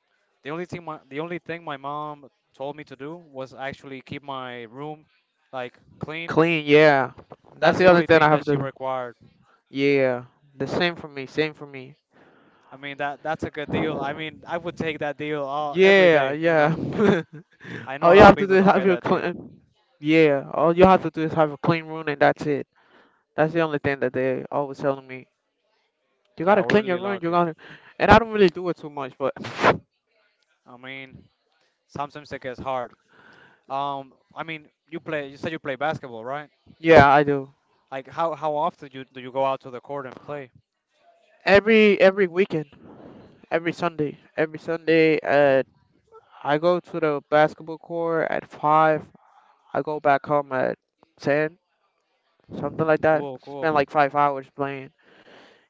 Speaker 3: The only thing my mom told me to do was actually keep my room like clean.
Speaker 1: clean, yeah. That's
Speaker 3: That's
Speaker 1: the
Speaker 3: the
Speaker 1: other
Speaker 3: only
Speaker 1: thing I
Speaker 3: thing that
Speaker 1: have to
Speaker 3: she
Speaker 1: do.
Speaker 3: required.
Speaker 1: Yeah. The same for me, same for me.
Speaker 3: I mean that that's a good deal. I mean I would take that deal every
Speaker 1: Yeah,
Speaker 3: day. You
Speaker 1: yeah.
Speaker 3: know, I know
Speaker 1: All
Speaker 3: a
Speaker 1: you
Speaker 3: lot of
Speaker 1: have to do
Speaker 3: people
Speaker 1: is
Speaker 3: don't
Speaker 1: have
Speaker 3: get
Speaker 1: your
Speaker 3: that deal.
Speaker 1: clean. Yeah, all you have to do is have a clean room and that's it. That's the only thing that they always telling me. You
Speaker 3: Yeah,
Speaker 1: gotta
Speaker 3: we're
Speaker 1: clean your
Speaker 3: really
Speaker 1: room. You
Speaker 3: lucky.
Speaker 1: gotta, and I don't really do it too much, but
Speaker 3: I mean sometimes it gets hard. I mean you said you play basketball, right?
Speaker 1: yeah, I do.
Speaker 3: Like how often do you go out to the court and play?
Speaker 1: Every weekend, every Sunday at I go to the basketball court at five. I go back home at 10, something like that.
Speaker 3: Cool,
Speaker 1: Spend
Speaker 3: cool.
Speaker 1: like five hours playing.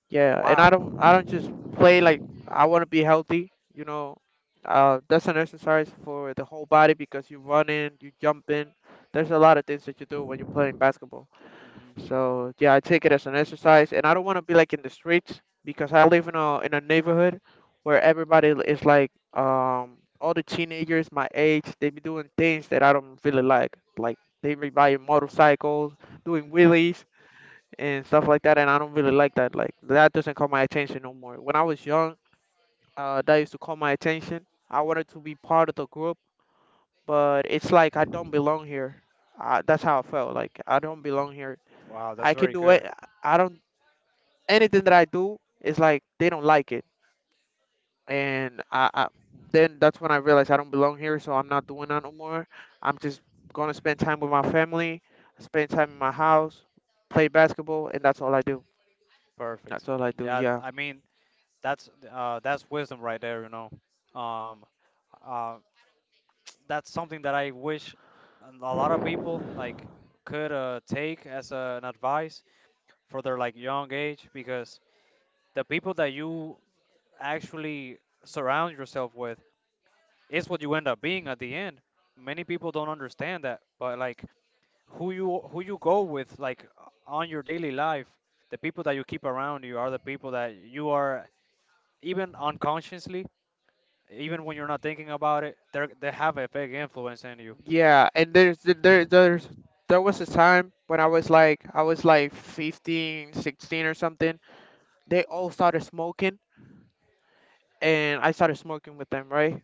Speaker 1: Yeah, and
Speaker 3: Wow.
Speaker 1: I don't just play like I want to be healthy, you know. That's an exercise for the whole body because you're running, you're jumping. There's a lot of things that you do when you're playing basketball.
Speaker 3: Hmm.
Speaker 1: So yeah, I take it as an exercise, and I don't want to be like in the streets because I live in a neighborhood where is like all the teenagers my age they be doing things that I don't really like. Like they be buying motorcycles, doing wheelies and stuff like that, and I don't really like that. Like that doesn't call my attention no more. When I was young, that used to call my attention. I wanted to be part of the group, but it's like I don't belong here. That's how I felt. Like I don't belong here.
Speaker 3: Wow, that's
Speaker 1: I can
Speaker 3: very
Speaker 1: do
Speaker 3: good.
Speaker 1: it. I don't anything that I do is like they don't like it, and I then that's when I realized I don't belong here, so I'm not doing that no more. I'm just gonna spend time with my family, spend time in my house, play basketball, and that's all I do.
Speaker 3: Perfect.
Speaker 1: That's all I do.
Speaker 3: Yeah,
Speaker 1: Yeah,
Speaker 3: I mean that's wisdom right there, you know. Um uh that's something that I wish a lot of people like could take as an advice for their like young age because the people that you actually surround yourself with is what you end up being at the end. Many people don't understand that, but like who you go with like on your daily life, the people that you keep around you are the people that you are, even unconsciously, even when you're not thinking about it, they have a big influence in you.
Speaker 1: yeah. And there was a time when I was like 15, 16 or something. They all started smoking, and I started smoking with them, right?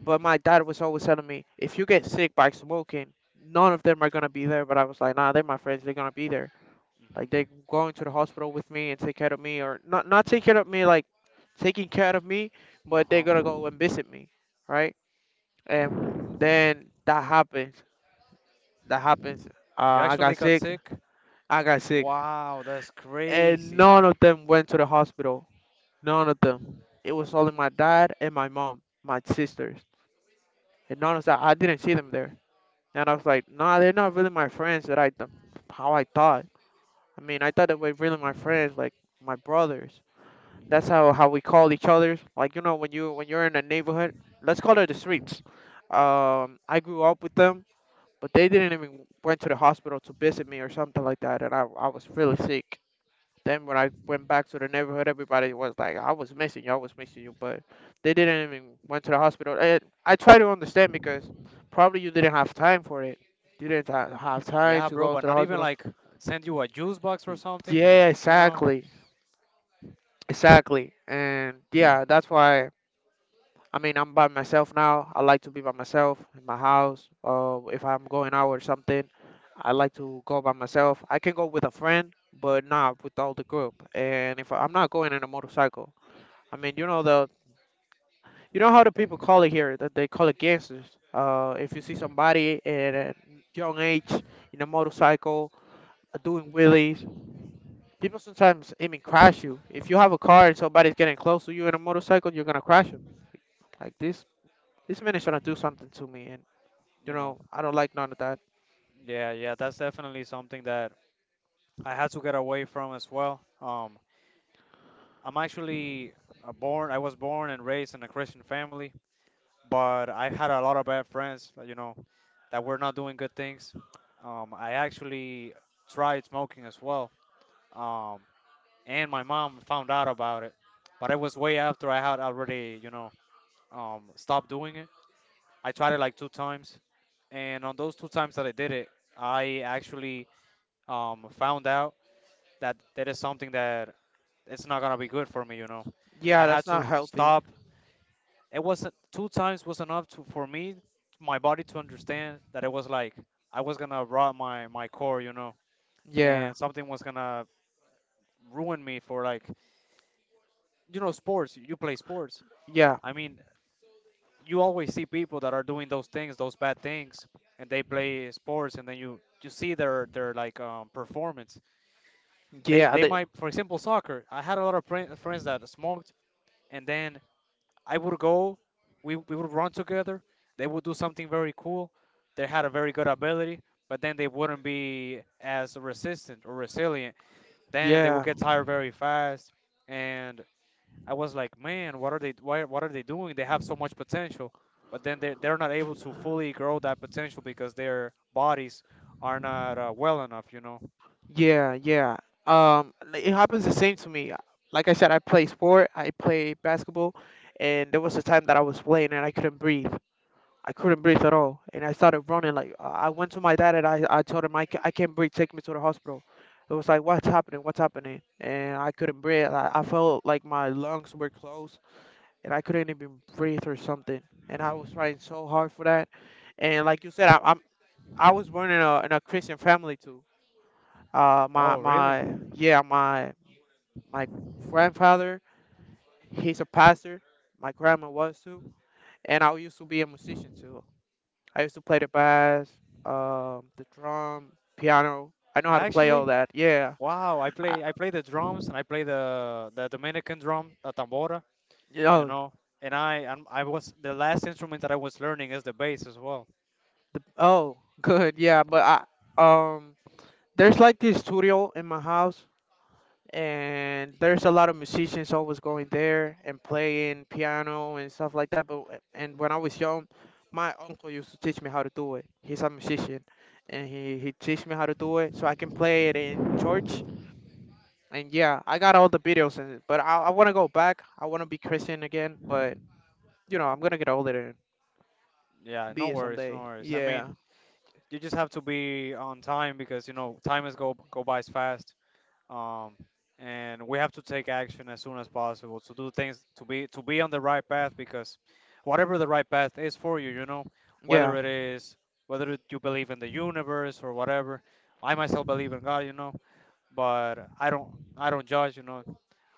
Speaker 1: But my dad was always telling me, if you get sick by smoking, none of them are gonna be there. But I was like, nah, they're my friends. They're gonna be there. Like they're
Speaker 3: Hmm.
Speaker 1: going to the hospital with me and take care of me, or not take care of me, like taking care of me, but they're
Speaker 3: Uh-huh.
Speaker 1: gonna go and visit me, right? And then that happens. That happens.
Speaker 3: You
Speaker 1: I
Speaker 3: actually
Speaker 1: got
Speaker 3: got
Speaker 1: sick.
Speaker 3: sick?
Speaker 1: I got sick,
Speaker 3: Wow, that's
Speaker 1: and
Speaker 3: crazy.
Speaker 1: none of them went to the hospital. None of them. It was only my dad and my mom, my sisters, and none of that. I didn't see them there. And I was like, nah, they're not really my friends that how I thought. I mean, I thought they were really my friends, like my brothers. That's how we call each other. Like you know, when you're in a neighborhood, let's call it the streets. I grew up with them, but they didn't even went to the hospital to visit me or something like that, and I was really sick. Then when I went back to the neighborhood, everybody was like, "I was missing you, I was missing you," but they didn't even went to the hospital. And I try to understand because probably you didn't have time for it. You didn't ha- have time
Speaker 3: Yeah,
Speaker 1: to
Speaker 3: bro,
Speaker 1: go
Speaker 3: but
Speaker 1: to the
Speaker 3: not even
Speaker 1: hospital.
Speaker 3: like send you a juice box or something,
Speaker 1: Yeah,
Speaker 3: you know?
Speaker 1: exactly, exactly, and yeah, that's why. I mean, I'm by myself now. I like to be by myself in my house. If I'm going out or something, I like to go by myself. I can go with a friend, but not with all the group. And if I, I'm not going in a motorcycle. I mean, you know how the people call it here that they call it gangsters. If you see
Speaker 3: Hmm.
Speaker 1: somebody at a young age in a motorcycle doing wheelies, people sometimes even crash you. If you have a car and somebody's getting close to you in a motorcycle, you're gonna crash them. Like this man is trying to do something to me, and you
Speaker 3: You know.
Speaker 1: know I don't like none of that.
Speaker 3: Yeah, yeah, that's definitely something that I had to get away from as well. I'm actually I was born and raised in a Christian family, but I had a lot of bad friends, you know, that we're not doing good things. I actually tried smoking as well, um, and my mom found out about it, but it was way after I had already, you know, stopped doing it. I tried it like two times, and on those two times that I did it, I actually found out that that is something that it's not gonna be good for me, you know. I
Speaker 1: Yeah,
Speaker 3: had
Speaker 1: that's
Speaker 3: to
Speaker 1: not healthy.
Speaker 3: stop. It wasn't two times was enough to for me, my body to understand that it was like I was gonna rot my core, you know.
Speaker 1: Yeah,
Speaker 3: And something was gonna ruin me for like you know sports. You play sports.
Speaker 1: yeah,
Speaker 3: I mean, you always see people that are doing those things, those bad things, and they play sports, and then you see their like performance. They
Speaker 1: yeah, they,
Speaker 3: might, for example, soccer. I had a lot of friends that smoked, and then I would go. We would run together. They would do something very cool. They had a very good ability, but then they wouldn't be as resistant or resilient. Then they would
Speaker 1: yeah.
Speaker 3: get tired very fast and I was like, man, what are they? What are they doing? They have so much potential, but then they're not able to fully grow that potential because their bodies are not well enough, you know.
Speaker 1: Yeah, yeah. It happens the same to me. Like I said, I play sport, I play basketball, and there was a time that I was playing and I couldn't breathe. I couldn't breathe at all, and I started running. Like I went to my dad and I told him I can't breathe. Take me to the hospital. It was like what's happening? What's happening? And I couldn't breathe. I felt like my lungs were closed and I couldn't even breathe or something. And I was trying so hard for that. And like you said, I was born in a Christian family too my
Speaker 3: Oh, really?
Speaker 1: my yeah, my grandfather, he's a pastor. My grandma was too, and I used to be a musician too. I used to play the bass, the drum, piano. I know how to play
Speaker 3: Actually,
Speaker 1: all that. Yeah.
Speaker 3: wow.
Speaker 1: I,
Speaker 3: I play the drums and I play the Dominican drum, the tambora, you
Speaker 1: oh,
Speaker 3: know. And I was, the last instrument that I was learning is the bass as well.
Speaker 1: oh, good. Yeah, but I um, there's like this studio in my house and there's a lot of musicians always going there and playing piano and stuff like that. But and when I was young, my uncle used to teach me how to do it. He's a musician, and he teach me how to do it so I can play it in church. And yeah, I got all the videos in it, but I want to go back. I want to be Christian again, but you know I'm gonna get older and
Speaker 3: Yeah, no
Speaker 1: be it
Speaker 3: worries, no
Speaker 1: someday.
Speaker 3: worries. I
Speaker 1: Yeah,
Speaker 3: mean, you just have to be on time because you know time is go by fast. um, and we have to take action as soon as possible to do things to be on the right path because whatever the right path is for you, you know, whether
Speaker 1: yeah,
Speaker 3: it is whether you believe in the universe or whatever. I myself believe in God, you know, but I don't judge, you know.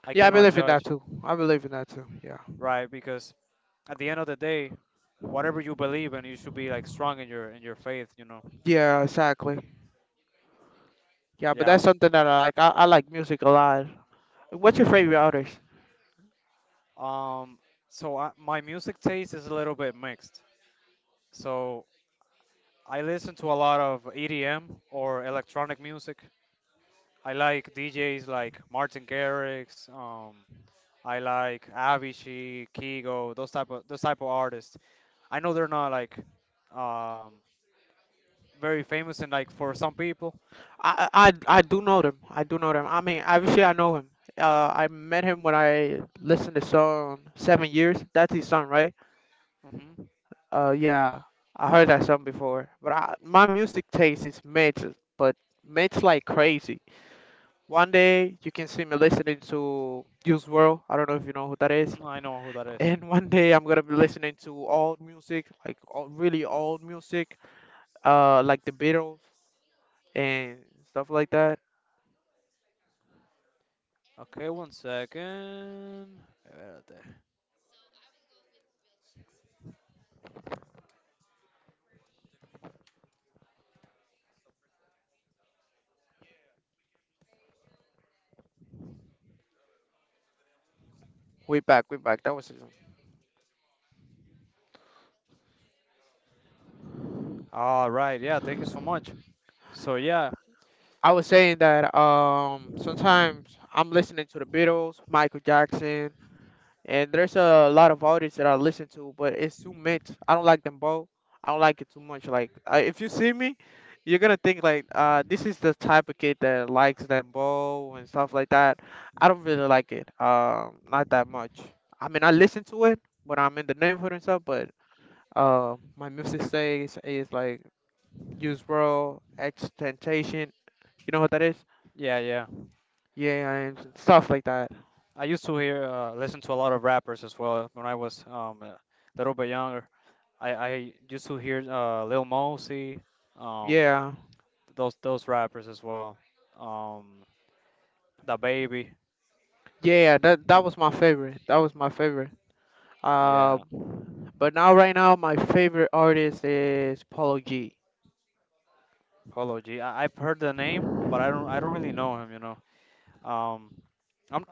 Speaker 3: I
Speaker 1: yeah. I
Speaker 3: cannot
Speaker 1: believe in that
Speaker 3: judge,
Speaker 1: too. I believe in that too. Yeah,
Speaker 3: right? Because at the end of the day, whatever you believe in, you should be like strong in your faith, you know.
Speaker 1: yeah, exactly. Yeah, but
Speaker 3: Yeah.
Speaker 1: that's something that I like. I like music a lot. What's your favorite artist?
Speaker 3: Um. So my music taste is a little bit mixed. So I listen to a lot of EDM or electronic music. I like DJs like Martin Garrix. I like Avicii, Kigo, those type of artists. I know they're not like um, very famous and like for some people.
Speaker 1: I do know them. I do know them. I mean, obviously I know him. I met him when I listened to song Seven Years. That's his song, right?
Speaker 3: Hmm.
Speaker 1: Yeah, I heard that song before. But my music taste is mixed, but mixed like crazy. One day you can see me listening to Juice World. I don't know if you know who that is.
Speaker 3: Hmm. I know who that is.
Speaker 1: And one day I'm gonna be listening to old music, like old, really old music, like the Beatles and stuff like that.
Speaker 3: Okay, one second. Espérate.
Speaker 1: We back, we back. That was
Speaker 3: All right, yeah, thank you so much. So yeah,
Speaker 1: I was saying that sometimes I'm listening to the Beatles, Michael Jackson, and there's a lot of artists that I listen to, but it's too much. I don't like them both. I don't like it too much. Like if you see me, you're gonna think like this is the type of kid that likes them both and stuff like that. I don't really like it. Not that much. I mean, I listen to it when I'm in the neighborhood and stuff, but my music says is like. Use World, X. You know what that is?
Speaker 3: yeah, yeah.
Speaker 1: Yeah, I am stuff like that.
Speaker 3: I used to hear listen to a lot of rappers as well when I was a little bit younger. I used to hear Lil Mosey, um
Speaker 1: Yeah,
Speaker 3: those rappers as well, um the baby,
Speaker 1: yeah. That that was my favorite. That was my favorite. Uh,
Speaker 3: yeah,
Speaker 1: but now right now my favorite artist is Paulo G.
Speaker 3: Polo G. I've heard the name, but I don't really know him, you know. Um, I'm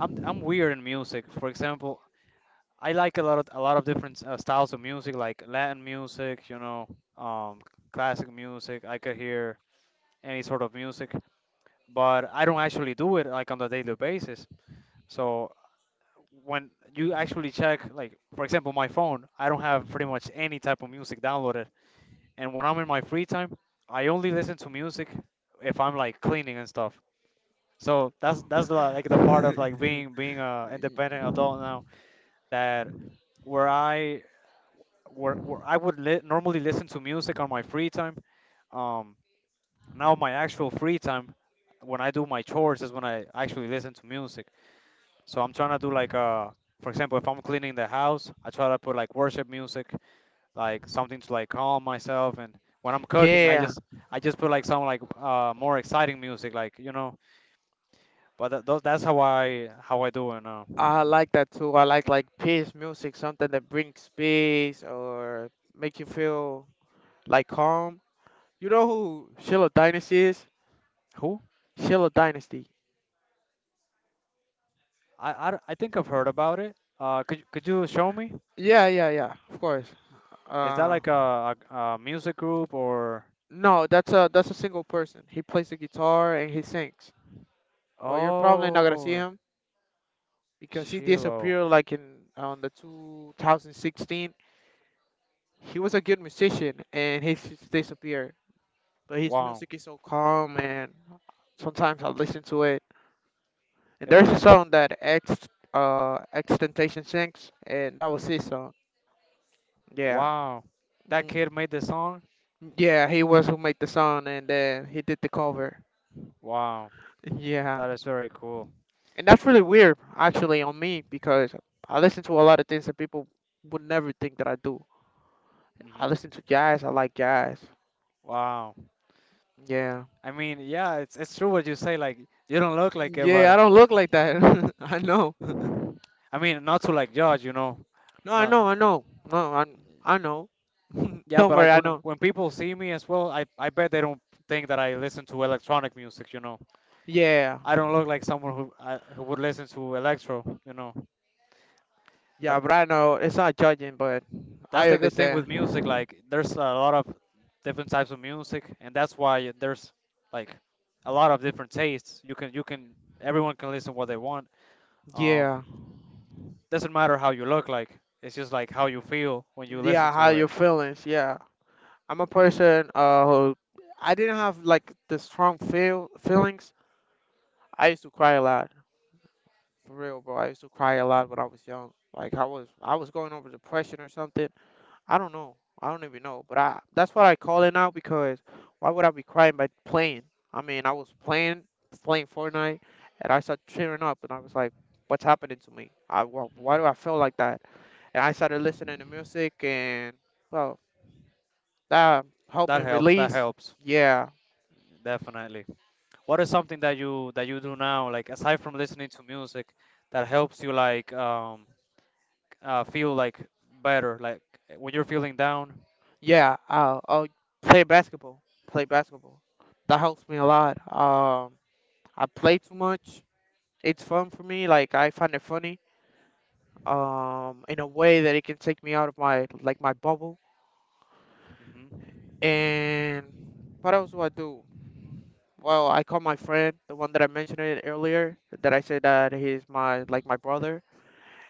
Speaker 3: I'm weird in music. For example, I like a lot of different styles of music, like Latin music, you know, um classic music. I could hear any sort of music, but I don't actually do it like on a daily basis. So when you actually check, like for example, my phone, I don't have pretty much any type of music downloaded. And when I'm in my free time, I only listen to music if I'm like cleaning and stuff. So that's the, like the part of like being being a independent adult now that where I where I would normally listen to music on my free time. Um, Now my actual free time when I do my chores is when I actually listen to music. So I'm trying to do like for example, if I'm cleaning the house, I try to put like worship music, like something to like calm myself. And when I'm cooking, I
Speaker 1: Yeah,
Speaker 3: just I just put like some like more exciting music, like you know. But th- those that's how I do. And
Speaker 1: I like that too. I like peace music, something that brings peace or make you feel like calm. You know who Shiloh Dynasty is?
Speaker 3: Who?
Speaker 1: Shiloh Dynasty.
Speaker 3: I think I've heard about it. Could you show me?
Speaker 1: Yeah, yeah, yeah. Of course.
Speaker 3: Is that
Speaker 1: Uh,
Speaker 3: like a music group or?
Speaker 1: No, that's a single person. He plays the guitar and he sings. Well, you're probably not gonna see
Speaker 3: Oh,
Speaker 1: him because he
Speaker 3: Shiloh.
Speaker 1: disappeared like in on the 2016. He was a good musician and he just disappeared. But his
Speaker 3: Wow.
Speaker 1: music is so calm and sometimes I listen to it. And
Speaker 3: It-
Speaker 1: there's a
Speaker 3: it-
Speaker 1: song that X Temptation sings and that was his song. Yeah.
Speaker 3: wow. That
Speaker 1: Mm.
Speaker 3: kid made the song.
Speaker 1: Yeah, he was who made the song and then he did the cover.
Speaker 3: Wow.
Speaker 1: Yeah.
Speaker 3: That is very cool.
Speaker 1: And that's really weird, actually, on me because I listen to a lot of things that people would never think that I do. I listen
Speaker 3: Hmm.
Speaker 1: to jazz. I like jazz.
Speaker 3: Wow.
Speaker 1: Yeah.
Speaker 3: I mean, yeah, it's true what you say. Like, you don't look like it,
Speaker 1: Yeah, I
Speaker 3: but
Speaker 1: don't look like that. I know.
Speaker 3: I mean, not to like judge, you know.
Speaker 1: No, I
Speaker 3: Uh,
Speaker 1: know. I know. No, I know.
Speaker 3: yeah,
Speaker 1: Don't
Speaker 3: but
Speaker 1: worry.
Speaker 3: like
Speaker 1: I
Speaker 3: when
Speaker 1: know.
Speaker 3: when people see me as well, I bet they don't think that I listen to electronic music, you know.
Speaker 1: Yeah.
Speaker 3: I don't look like someone who would listen to electro, you know.
Speaker 1: Yeah,
Speaker 3: But
Speaker 1: but I know it's not judging, but
Speaker 3: that's
Speaker 1: I
Speaker 3: the good thing with music.
Speaker 1: understand.
Speaker 3: Like, there's a lot of different types of music, and that's why there's like a lot of different tastes. You can Everyone can listen what they want. Um,
Speaker 1: Yeah.
Speaker 3: Doesn't matter how you look like. It's just like how you feel when you listen
Speaker 1: Yeah, how
Speaker 3: to it.
Speaker 1: your feelings. Yeah. I'm a person who I didn't have like the strong feelings. I used to cry a lot. For real, bro. I used to cry a lot when I was young. Like I was going over depression or something. I don't know. I don't even know. But I that's what I call it now because why would I be crying by playing? I mean, I was playing Fortnite and I started tearing up and I was like, what's happening to me? I Why do
Speaker 3: Hmm.
Speaker 1: I feel like that? And I started listening to music and, well, that helped me
Speaker 3: That helps. That
Speaker 1: release.
Speaker 3: helps.
Speaker 1: Yeah.
Speaker 3: Definitely. What is something that you do now, like aside from listening to music, that helps you like feel like better, like when you're feeling down?
Speaker 1: Yeah, I'll play basketball. Play basketball. That helps me a lot. Um, I play too much. It's fun for me. Like I find it funny, in a way that it can take me out of my like my bubble.
Speaker 3: Hmm.
Speaker 1: And what else do I do? Well, I call my friend, the one that I mentioned it earlier, that I said that he's my like my brother,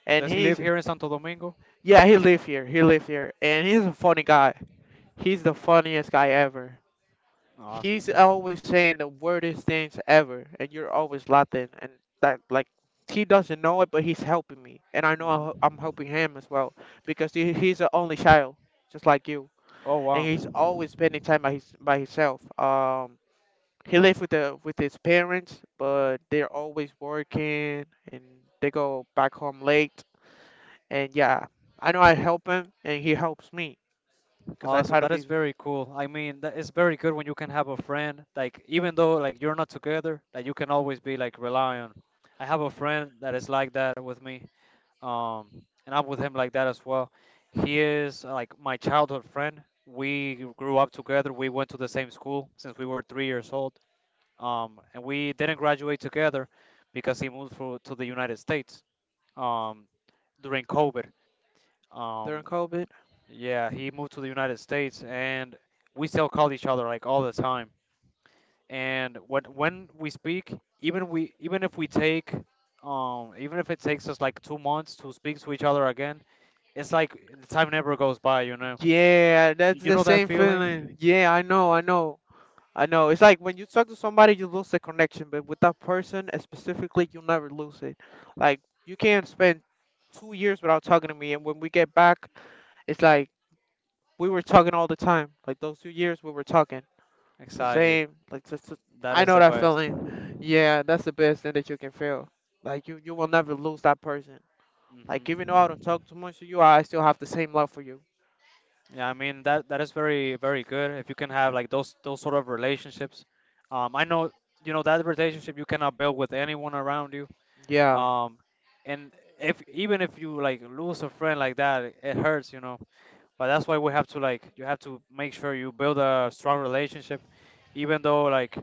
Speaker 1: and
Speaker 3: Does he live
Speaker 1: he's,
Speaker 3: here in Santo Domingo?
Speaker 1: yeah, he live here. He live here, and he's a funny guy. He's the funniest guy ever.
Speaker 3: Awesome.
Speaker 1: He's always saying the weirdest things ever, and you're always laughing, and that, like, he doesn't know it, but he's helping me, and I know I'm
Speaker 3: Hmm.
Speaker 1: helping him as well because he's the only child, just like you,
Speaker 3: Oh
Speaker 1: and
Speaker 3: wow.
Speaker 1: he's always spending time by his by himself. He lives with the with his parents, but they're always working, and they go back home late, and yeah, I know I help him, and he helps me because I
Speaker 3: Awesome.
Speaker 1: try to
Speaker 3: That is
Speaker 1: be
Speaker 3: very cool. I mean, that is very good when you can have a friend, like even though like you're not together, that you can always be like rely on. I have a friend that is like that with me. Um, and I'm with him like that as well. He is like my childhood friend. We grew up together. We went to the same school since we were 3 years old. And we didn't graduate together because he moved to the United States, um, during COVID. Um,
Speaker 1: during COVID.
Speaker 3: yeah, he moved to the United States, and we still call each other like all the time. And when we speak, even if we take, even if it takes us like 2 months to speak to each other again, it's like the time never goes by, you know.
Speaker 1: Yeah, that's
Speaker 3: You
Speaker 1: the
Speaker 3: know that
Speaker 1: same feeling.
Speaker 3: feeling?
Speaker 1: Yeah, I know. It's like when you talk to somebody, you lose the connection, but with that person, specifically, you'll never lose it. Like, you can't spend 2 years without talking to me, and when we get back, it's like we were talking all the time. Like, those 2 years, we were talking the
Speaker 3: Exactly.
Speaker 1: same. Like, just-
Speaker 3: That
Speaker 1: I
Speaker 3: is
Speaker 1: know
Speaker 3: the
Speaker 1: that
Speaker 3: best.
Speaker 1: feeling. Yeah, that's the best thing that you can feel. Like, you will never lose that person. Like, even
Speaker 3: Hmm.
Speaker 1: though I don't talk too much to you, I still have the same love for you.
Speaker 3: Yeah, I mean that that is very very good if you can have like those sort of relationships. I know you know that relationship you cannot build with anyone around you.
Speaker 1: Yeah.
Speaker 3: Um, and if even if you like lose a friend like that, it hurts, you know. But that's why we have to like you have to make sure you build a strong relationship, even though like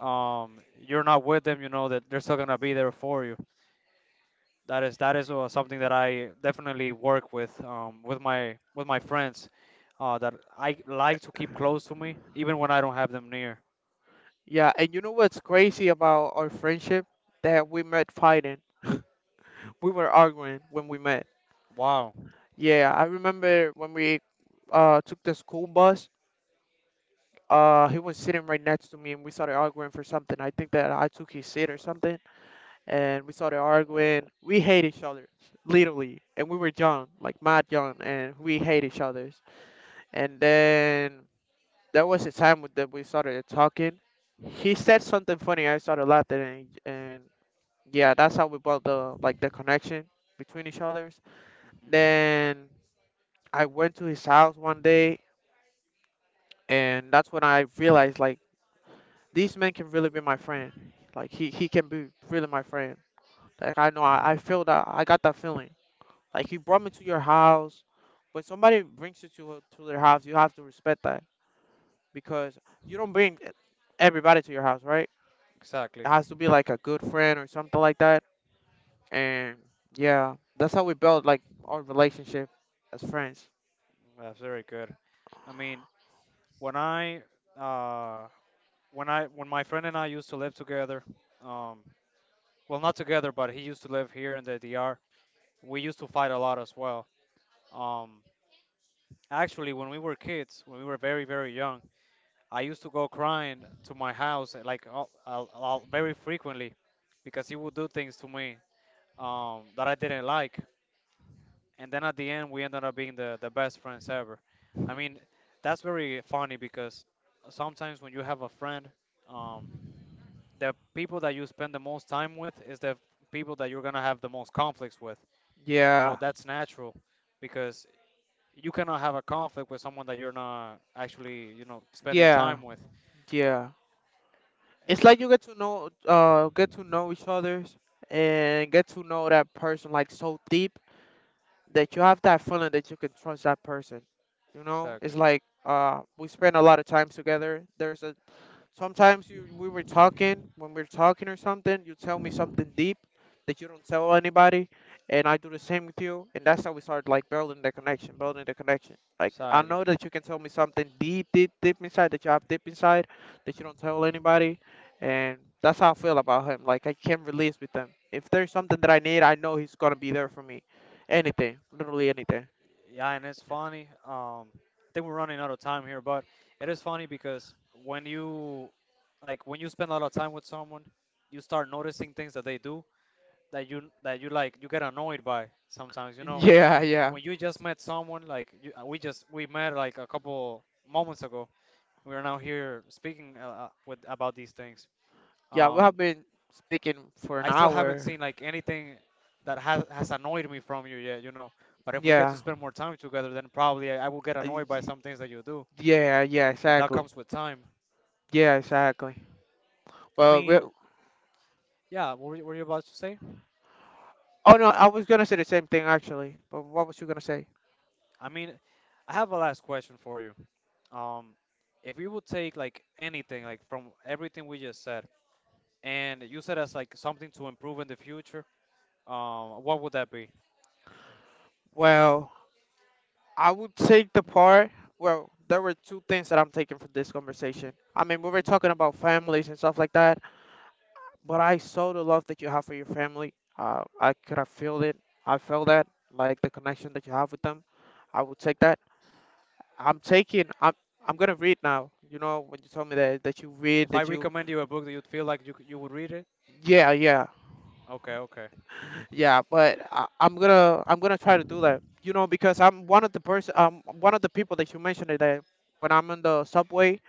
Speaker 3: you're not with them, you know that they're still gonna be there for you. That is something that I definitely work with my friends, that I like to keep close to me even when I don't have them near.
Speaker 1: Yeah, and you know what's crazy about our friendship? That we met fighting. We were arguing when we met.
Speaker 3: Wow.
Speaker 1: Yeah, I remember when we took the school bus, uh, he was sitting right next to me and we started arguing for something. I think that I took his seat or something and we started arguing. We hate each other, literally. And we were young, like mad young, and we hate each other. And then that was the time that we started talking. He said something funny. I started laughing and yeah, that's how we built the connection between each others.
Speaker 3: Hmm.
Speaker 1: Then I went to his house one day, and that's when I realized like this man can really be my friend. Like he can be really my friend. Like I know I feel that I got that feeling. Like he brought me to your house. When somebody brings you to their house, you have to respect that because you don't bring everybody to your house, right?
Speaker 3: Exactly.
Speaker 1: It has to be like a good friend or something like that. And yeah, that's how we built like our relationship as friends.
Speaker 3: That's very good. I mean, when I uh when my friend and I used to live together, um, well not together, but he used to live here in the D.R. We used to fight a lot as well. Um, Actually, when we were kids, when we were very very young, I used to go crying to my house like very frequently because he would do things to me, that I didn't like. And then at the end, we ended up being the best friends ever. I mean, that's very funny because sometimes when you have a friend. Um, the people that you spend the most time with is the people that you're gonna have the most conflicts with. You know,
Speaker 1: Yeah,
Speaker 3: that's natural because you cannot have a conflict with someone that you're not actually, you know, spending
Speaker 1: yeah,
Speaker 3: time with.
Speaker 1: yeah.
Speaker 3: And
Speaker 1: It's
Speaker 3: the,
Speaker 1: like you get to know each other's and get to know that person like so deep that you have that feeling that you can trust that person. You know,
Speaker 3: exactly,
Speaker 1: it's like, we spend a lot of time together. There's a Sometimes you we were talking when we're talking or something, you tell me something deep that you don't tell anybody, and I do the same with you, and that's how we start like building the connection. Like I
Speaker 3: exactly.
Speaker 1: know that you can tell me something deep, deep, deep inside that you have deep inside that you don't tell anybody, and that's how I feel about him. Like I can't release with him. If there's something that I need, I know he's gonna be there for me. Anything, literally anything.
Speaker 3: Yeah, and it's funny. I think we're running out of time here, but it is funny because when you, like, when you spend a lot of time with someone, you start noticing things that they do that you like you get annoyed by sometimes. You know,
Speaker 1: Yeah, yeah,
Speaker 3: when you just met someone like you, we met like a couple moments ago, we are now here speaking with about these things.
Speaker 1: yeah. We
Speaker 3: um
Speaker 1: have been speaking for an
Speaker 3: I still haven't
Speaker 1: hour.
Speaker 3: seen like anything that has annoyed me from you yet, you know. But if we get to
Speaker 1: Yeah.
Speaker 3: spend more time together, then probably I will get annoyed by some things that you do,
Speaker 1: Yeah, yeah,
Speaker 3: and that
Speaker 1: exactly.
Speaker 3: comes with time.
Speaker 1: Yeah, exactly.
Speaker 3: I
Speaker 1: Well, we
Speaker 3: mean,
Speaker 1: oh
Speaker 3: yeah, what were were you about to say?
Speaker 1: no, I was gonna say the same thing actually, but what was you gonna say?
Speaker 3: I mean, I have a last question for you. um if you would take like anything like from everything we just said and use it as like something to improve in the future, what would that be?
Speaker 1: Well, I would take the part. Well, there were two things that I'm taking from this conversation. I mean, we were talking
Speaker 3: Mhm.
Speaker 1: about families and stuff like that, but I saw the love that you have for your family. I could have feel it. I felt that, like the connection that you have with them. I would take that. I'm taking. I'm. I'm gonna read now. You know, when you told me that you read,
Speaker 3: If I
Speaker 1: that you.
Speaker 3: recommend you a book that you'd feel like you you would read it?
Speaker 1: Yeah, yeah.
Speaker 3: Okay, okay.
Speaker 1: Yeah, but I'm gonna try to do that. You know, because I'm one of the person one of the people that you mentioned that when I'm in the subway,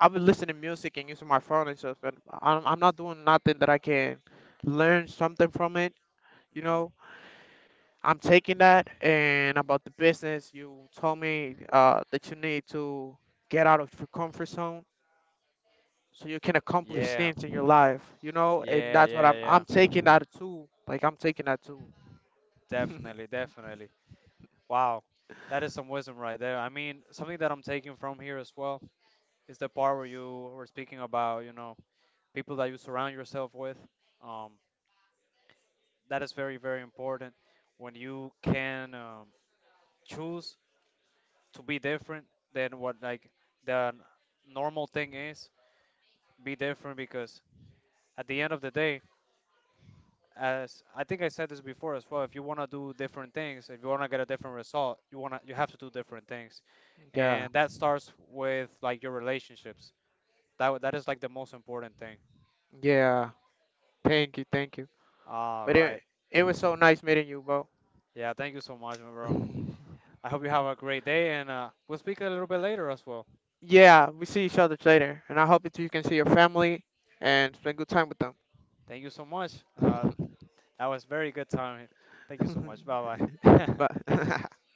Speaker 1: I'll be listening to music and using my phone and stuff, but I'm not doing nothing that I can learn something from it. You know,
Speaker 3: Hmm.
Speaker 1: I'm taking that and about the business you told me that you need to get out of your comfort zone so you can accomplish
Speaker 3: Yeah,
Speaker 1: things in your life. You know, and
Speaker 3: yeah,
Speaker 1: that's what
Speaker 3: yeah,
Speaker 1: I'm
Speaker 3: yeah.
Speaker 1: taking that too. Like I'm taking that too.
Speaker 3: Definitely, definitely. Wow, that is some wisdom right there. I mean, something that I'm taking from here as well is the part where you were speaking about, you know, people that you surround yourself with. Um, that is very, very important when you can, choose to be different than what like the normal thing is. Be different because at the end of the day, as I think I said this before as well, if you want to do different things, if you want to get a different result, you have to do different things,
Speaker 1: Yeah.
Speaker 3: and that starts with like your relationships. That is like the most important thing.
Speaker 1: Yeah, thank you, thank you.
Speaker 3: All
Speaker 1: But
Speaker 3: right,
Speaker 1: it was so nice meeting you, bro.
Speaker 3: yeah, thank you so much my bro. I hope you have a great day, and we'll speak a little bit later as well.
Speaker 1: Yeah, we see each other later, and I hope that you can see your family and spend good time with
Speaker 3: Thank you so much. uh,
Speaker 1: them.
Speaker 3: that was very good time. Thank you so much. Bye. Bye.
Speaker 1: Bye.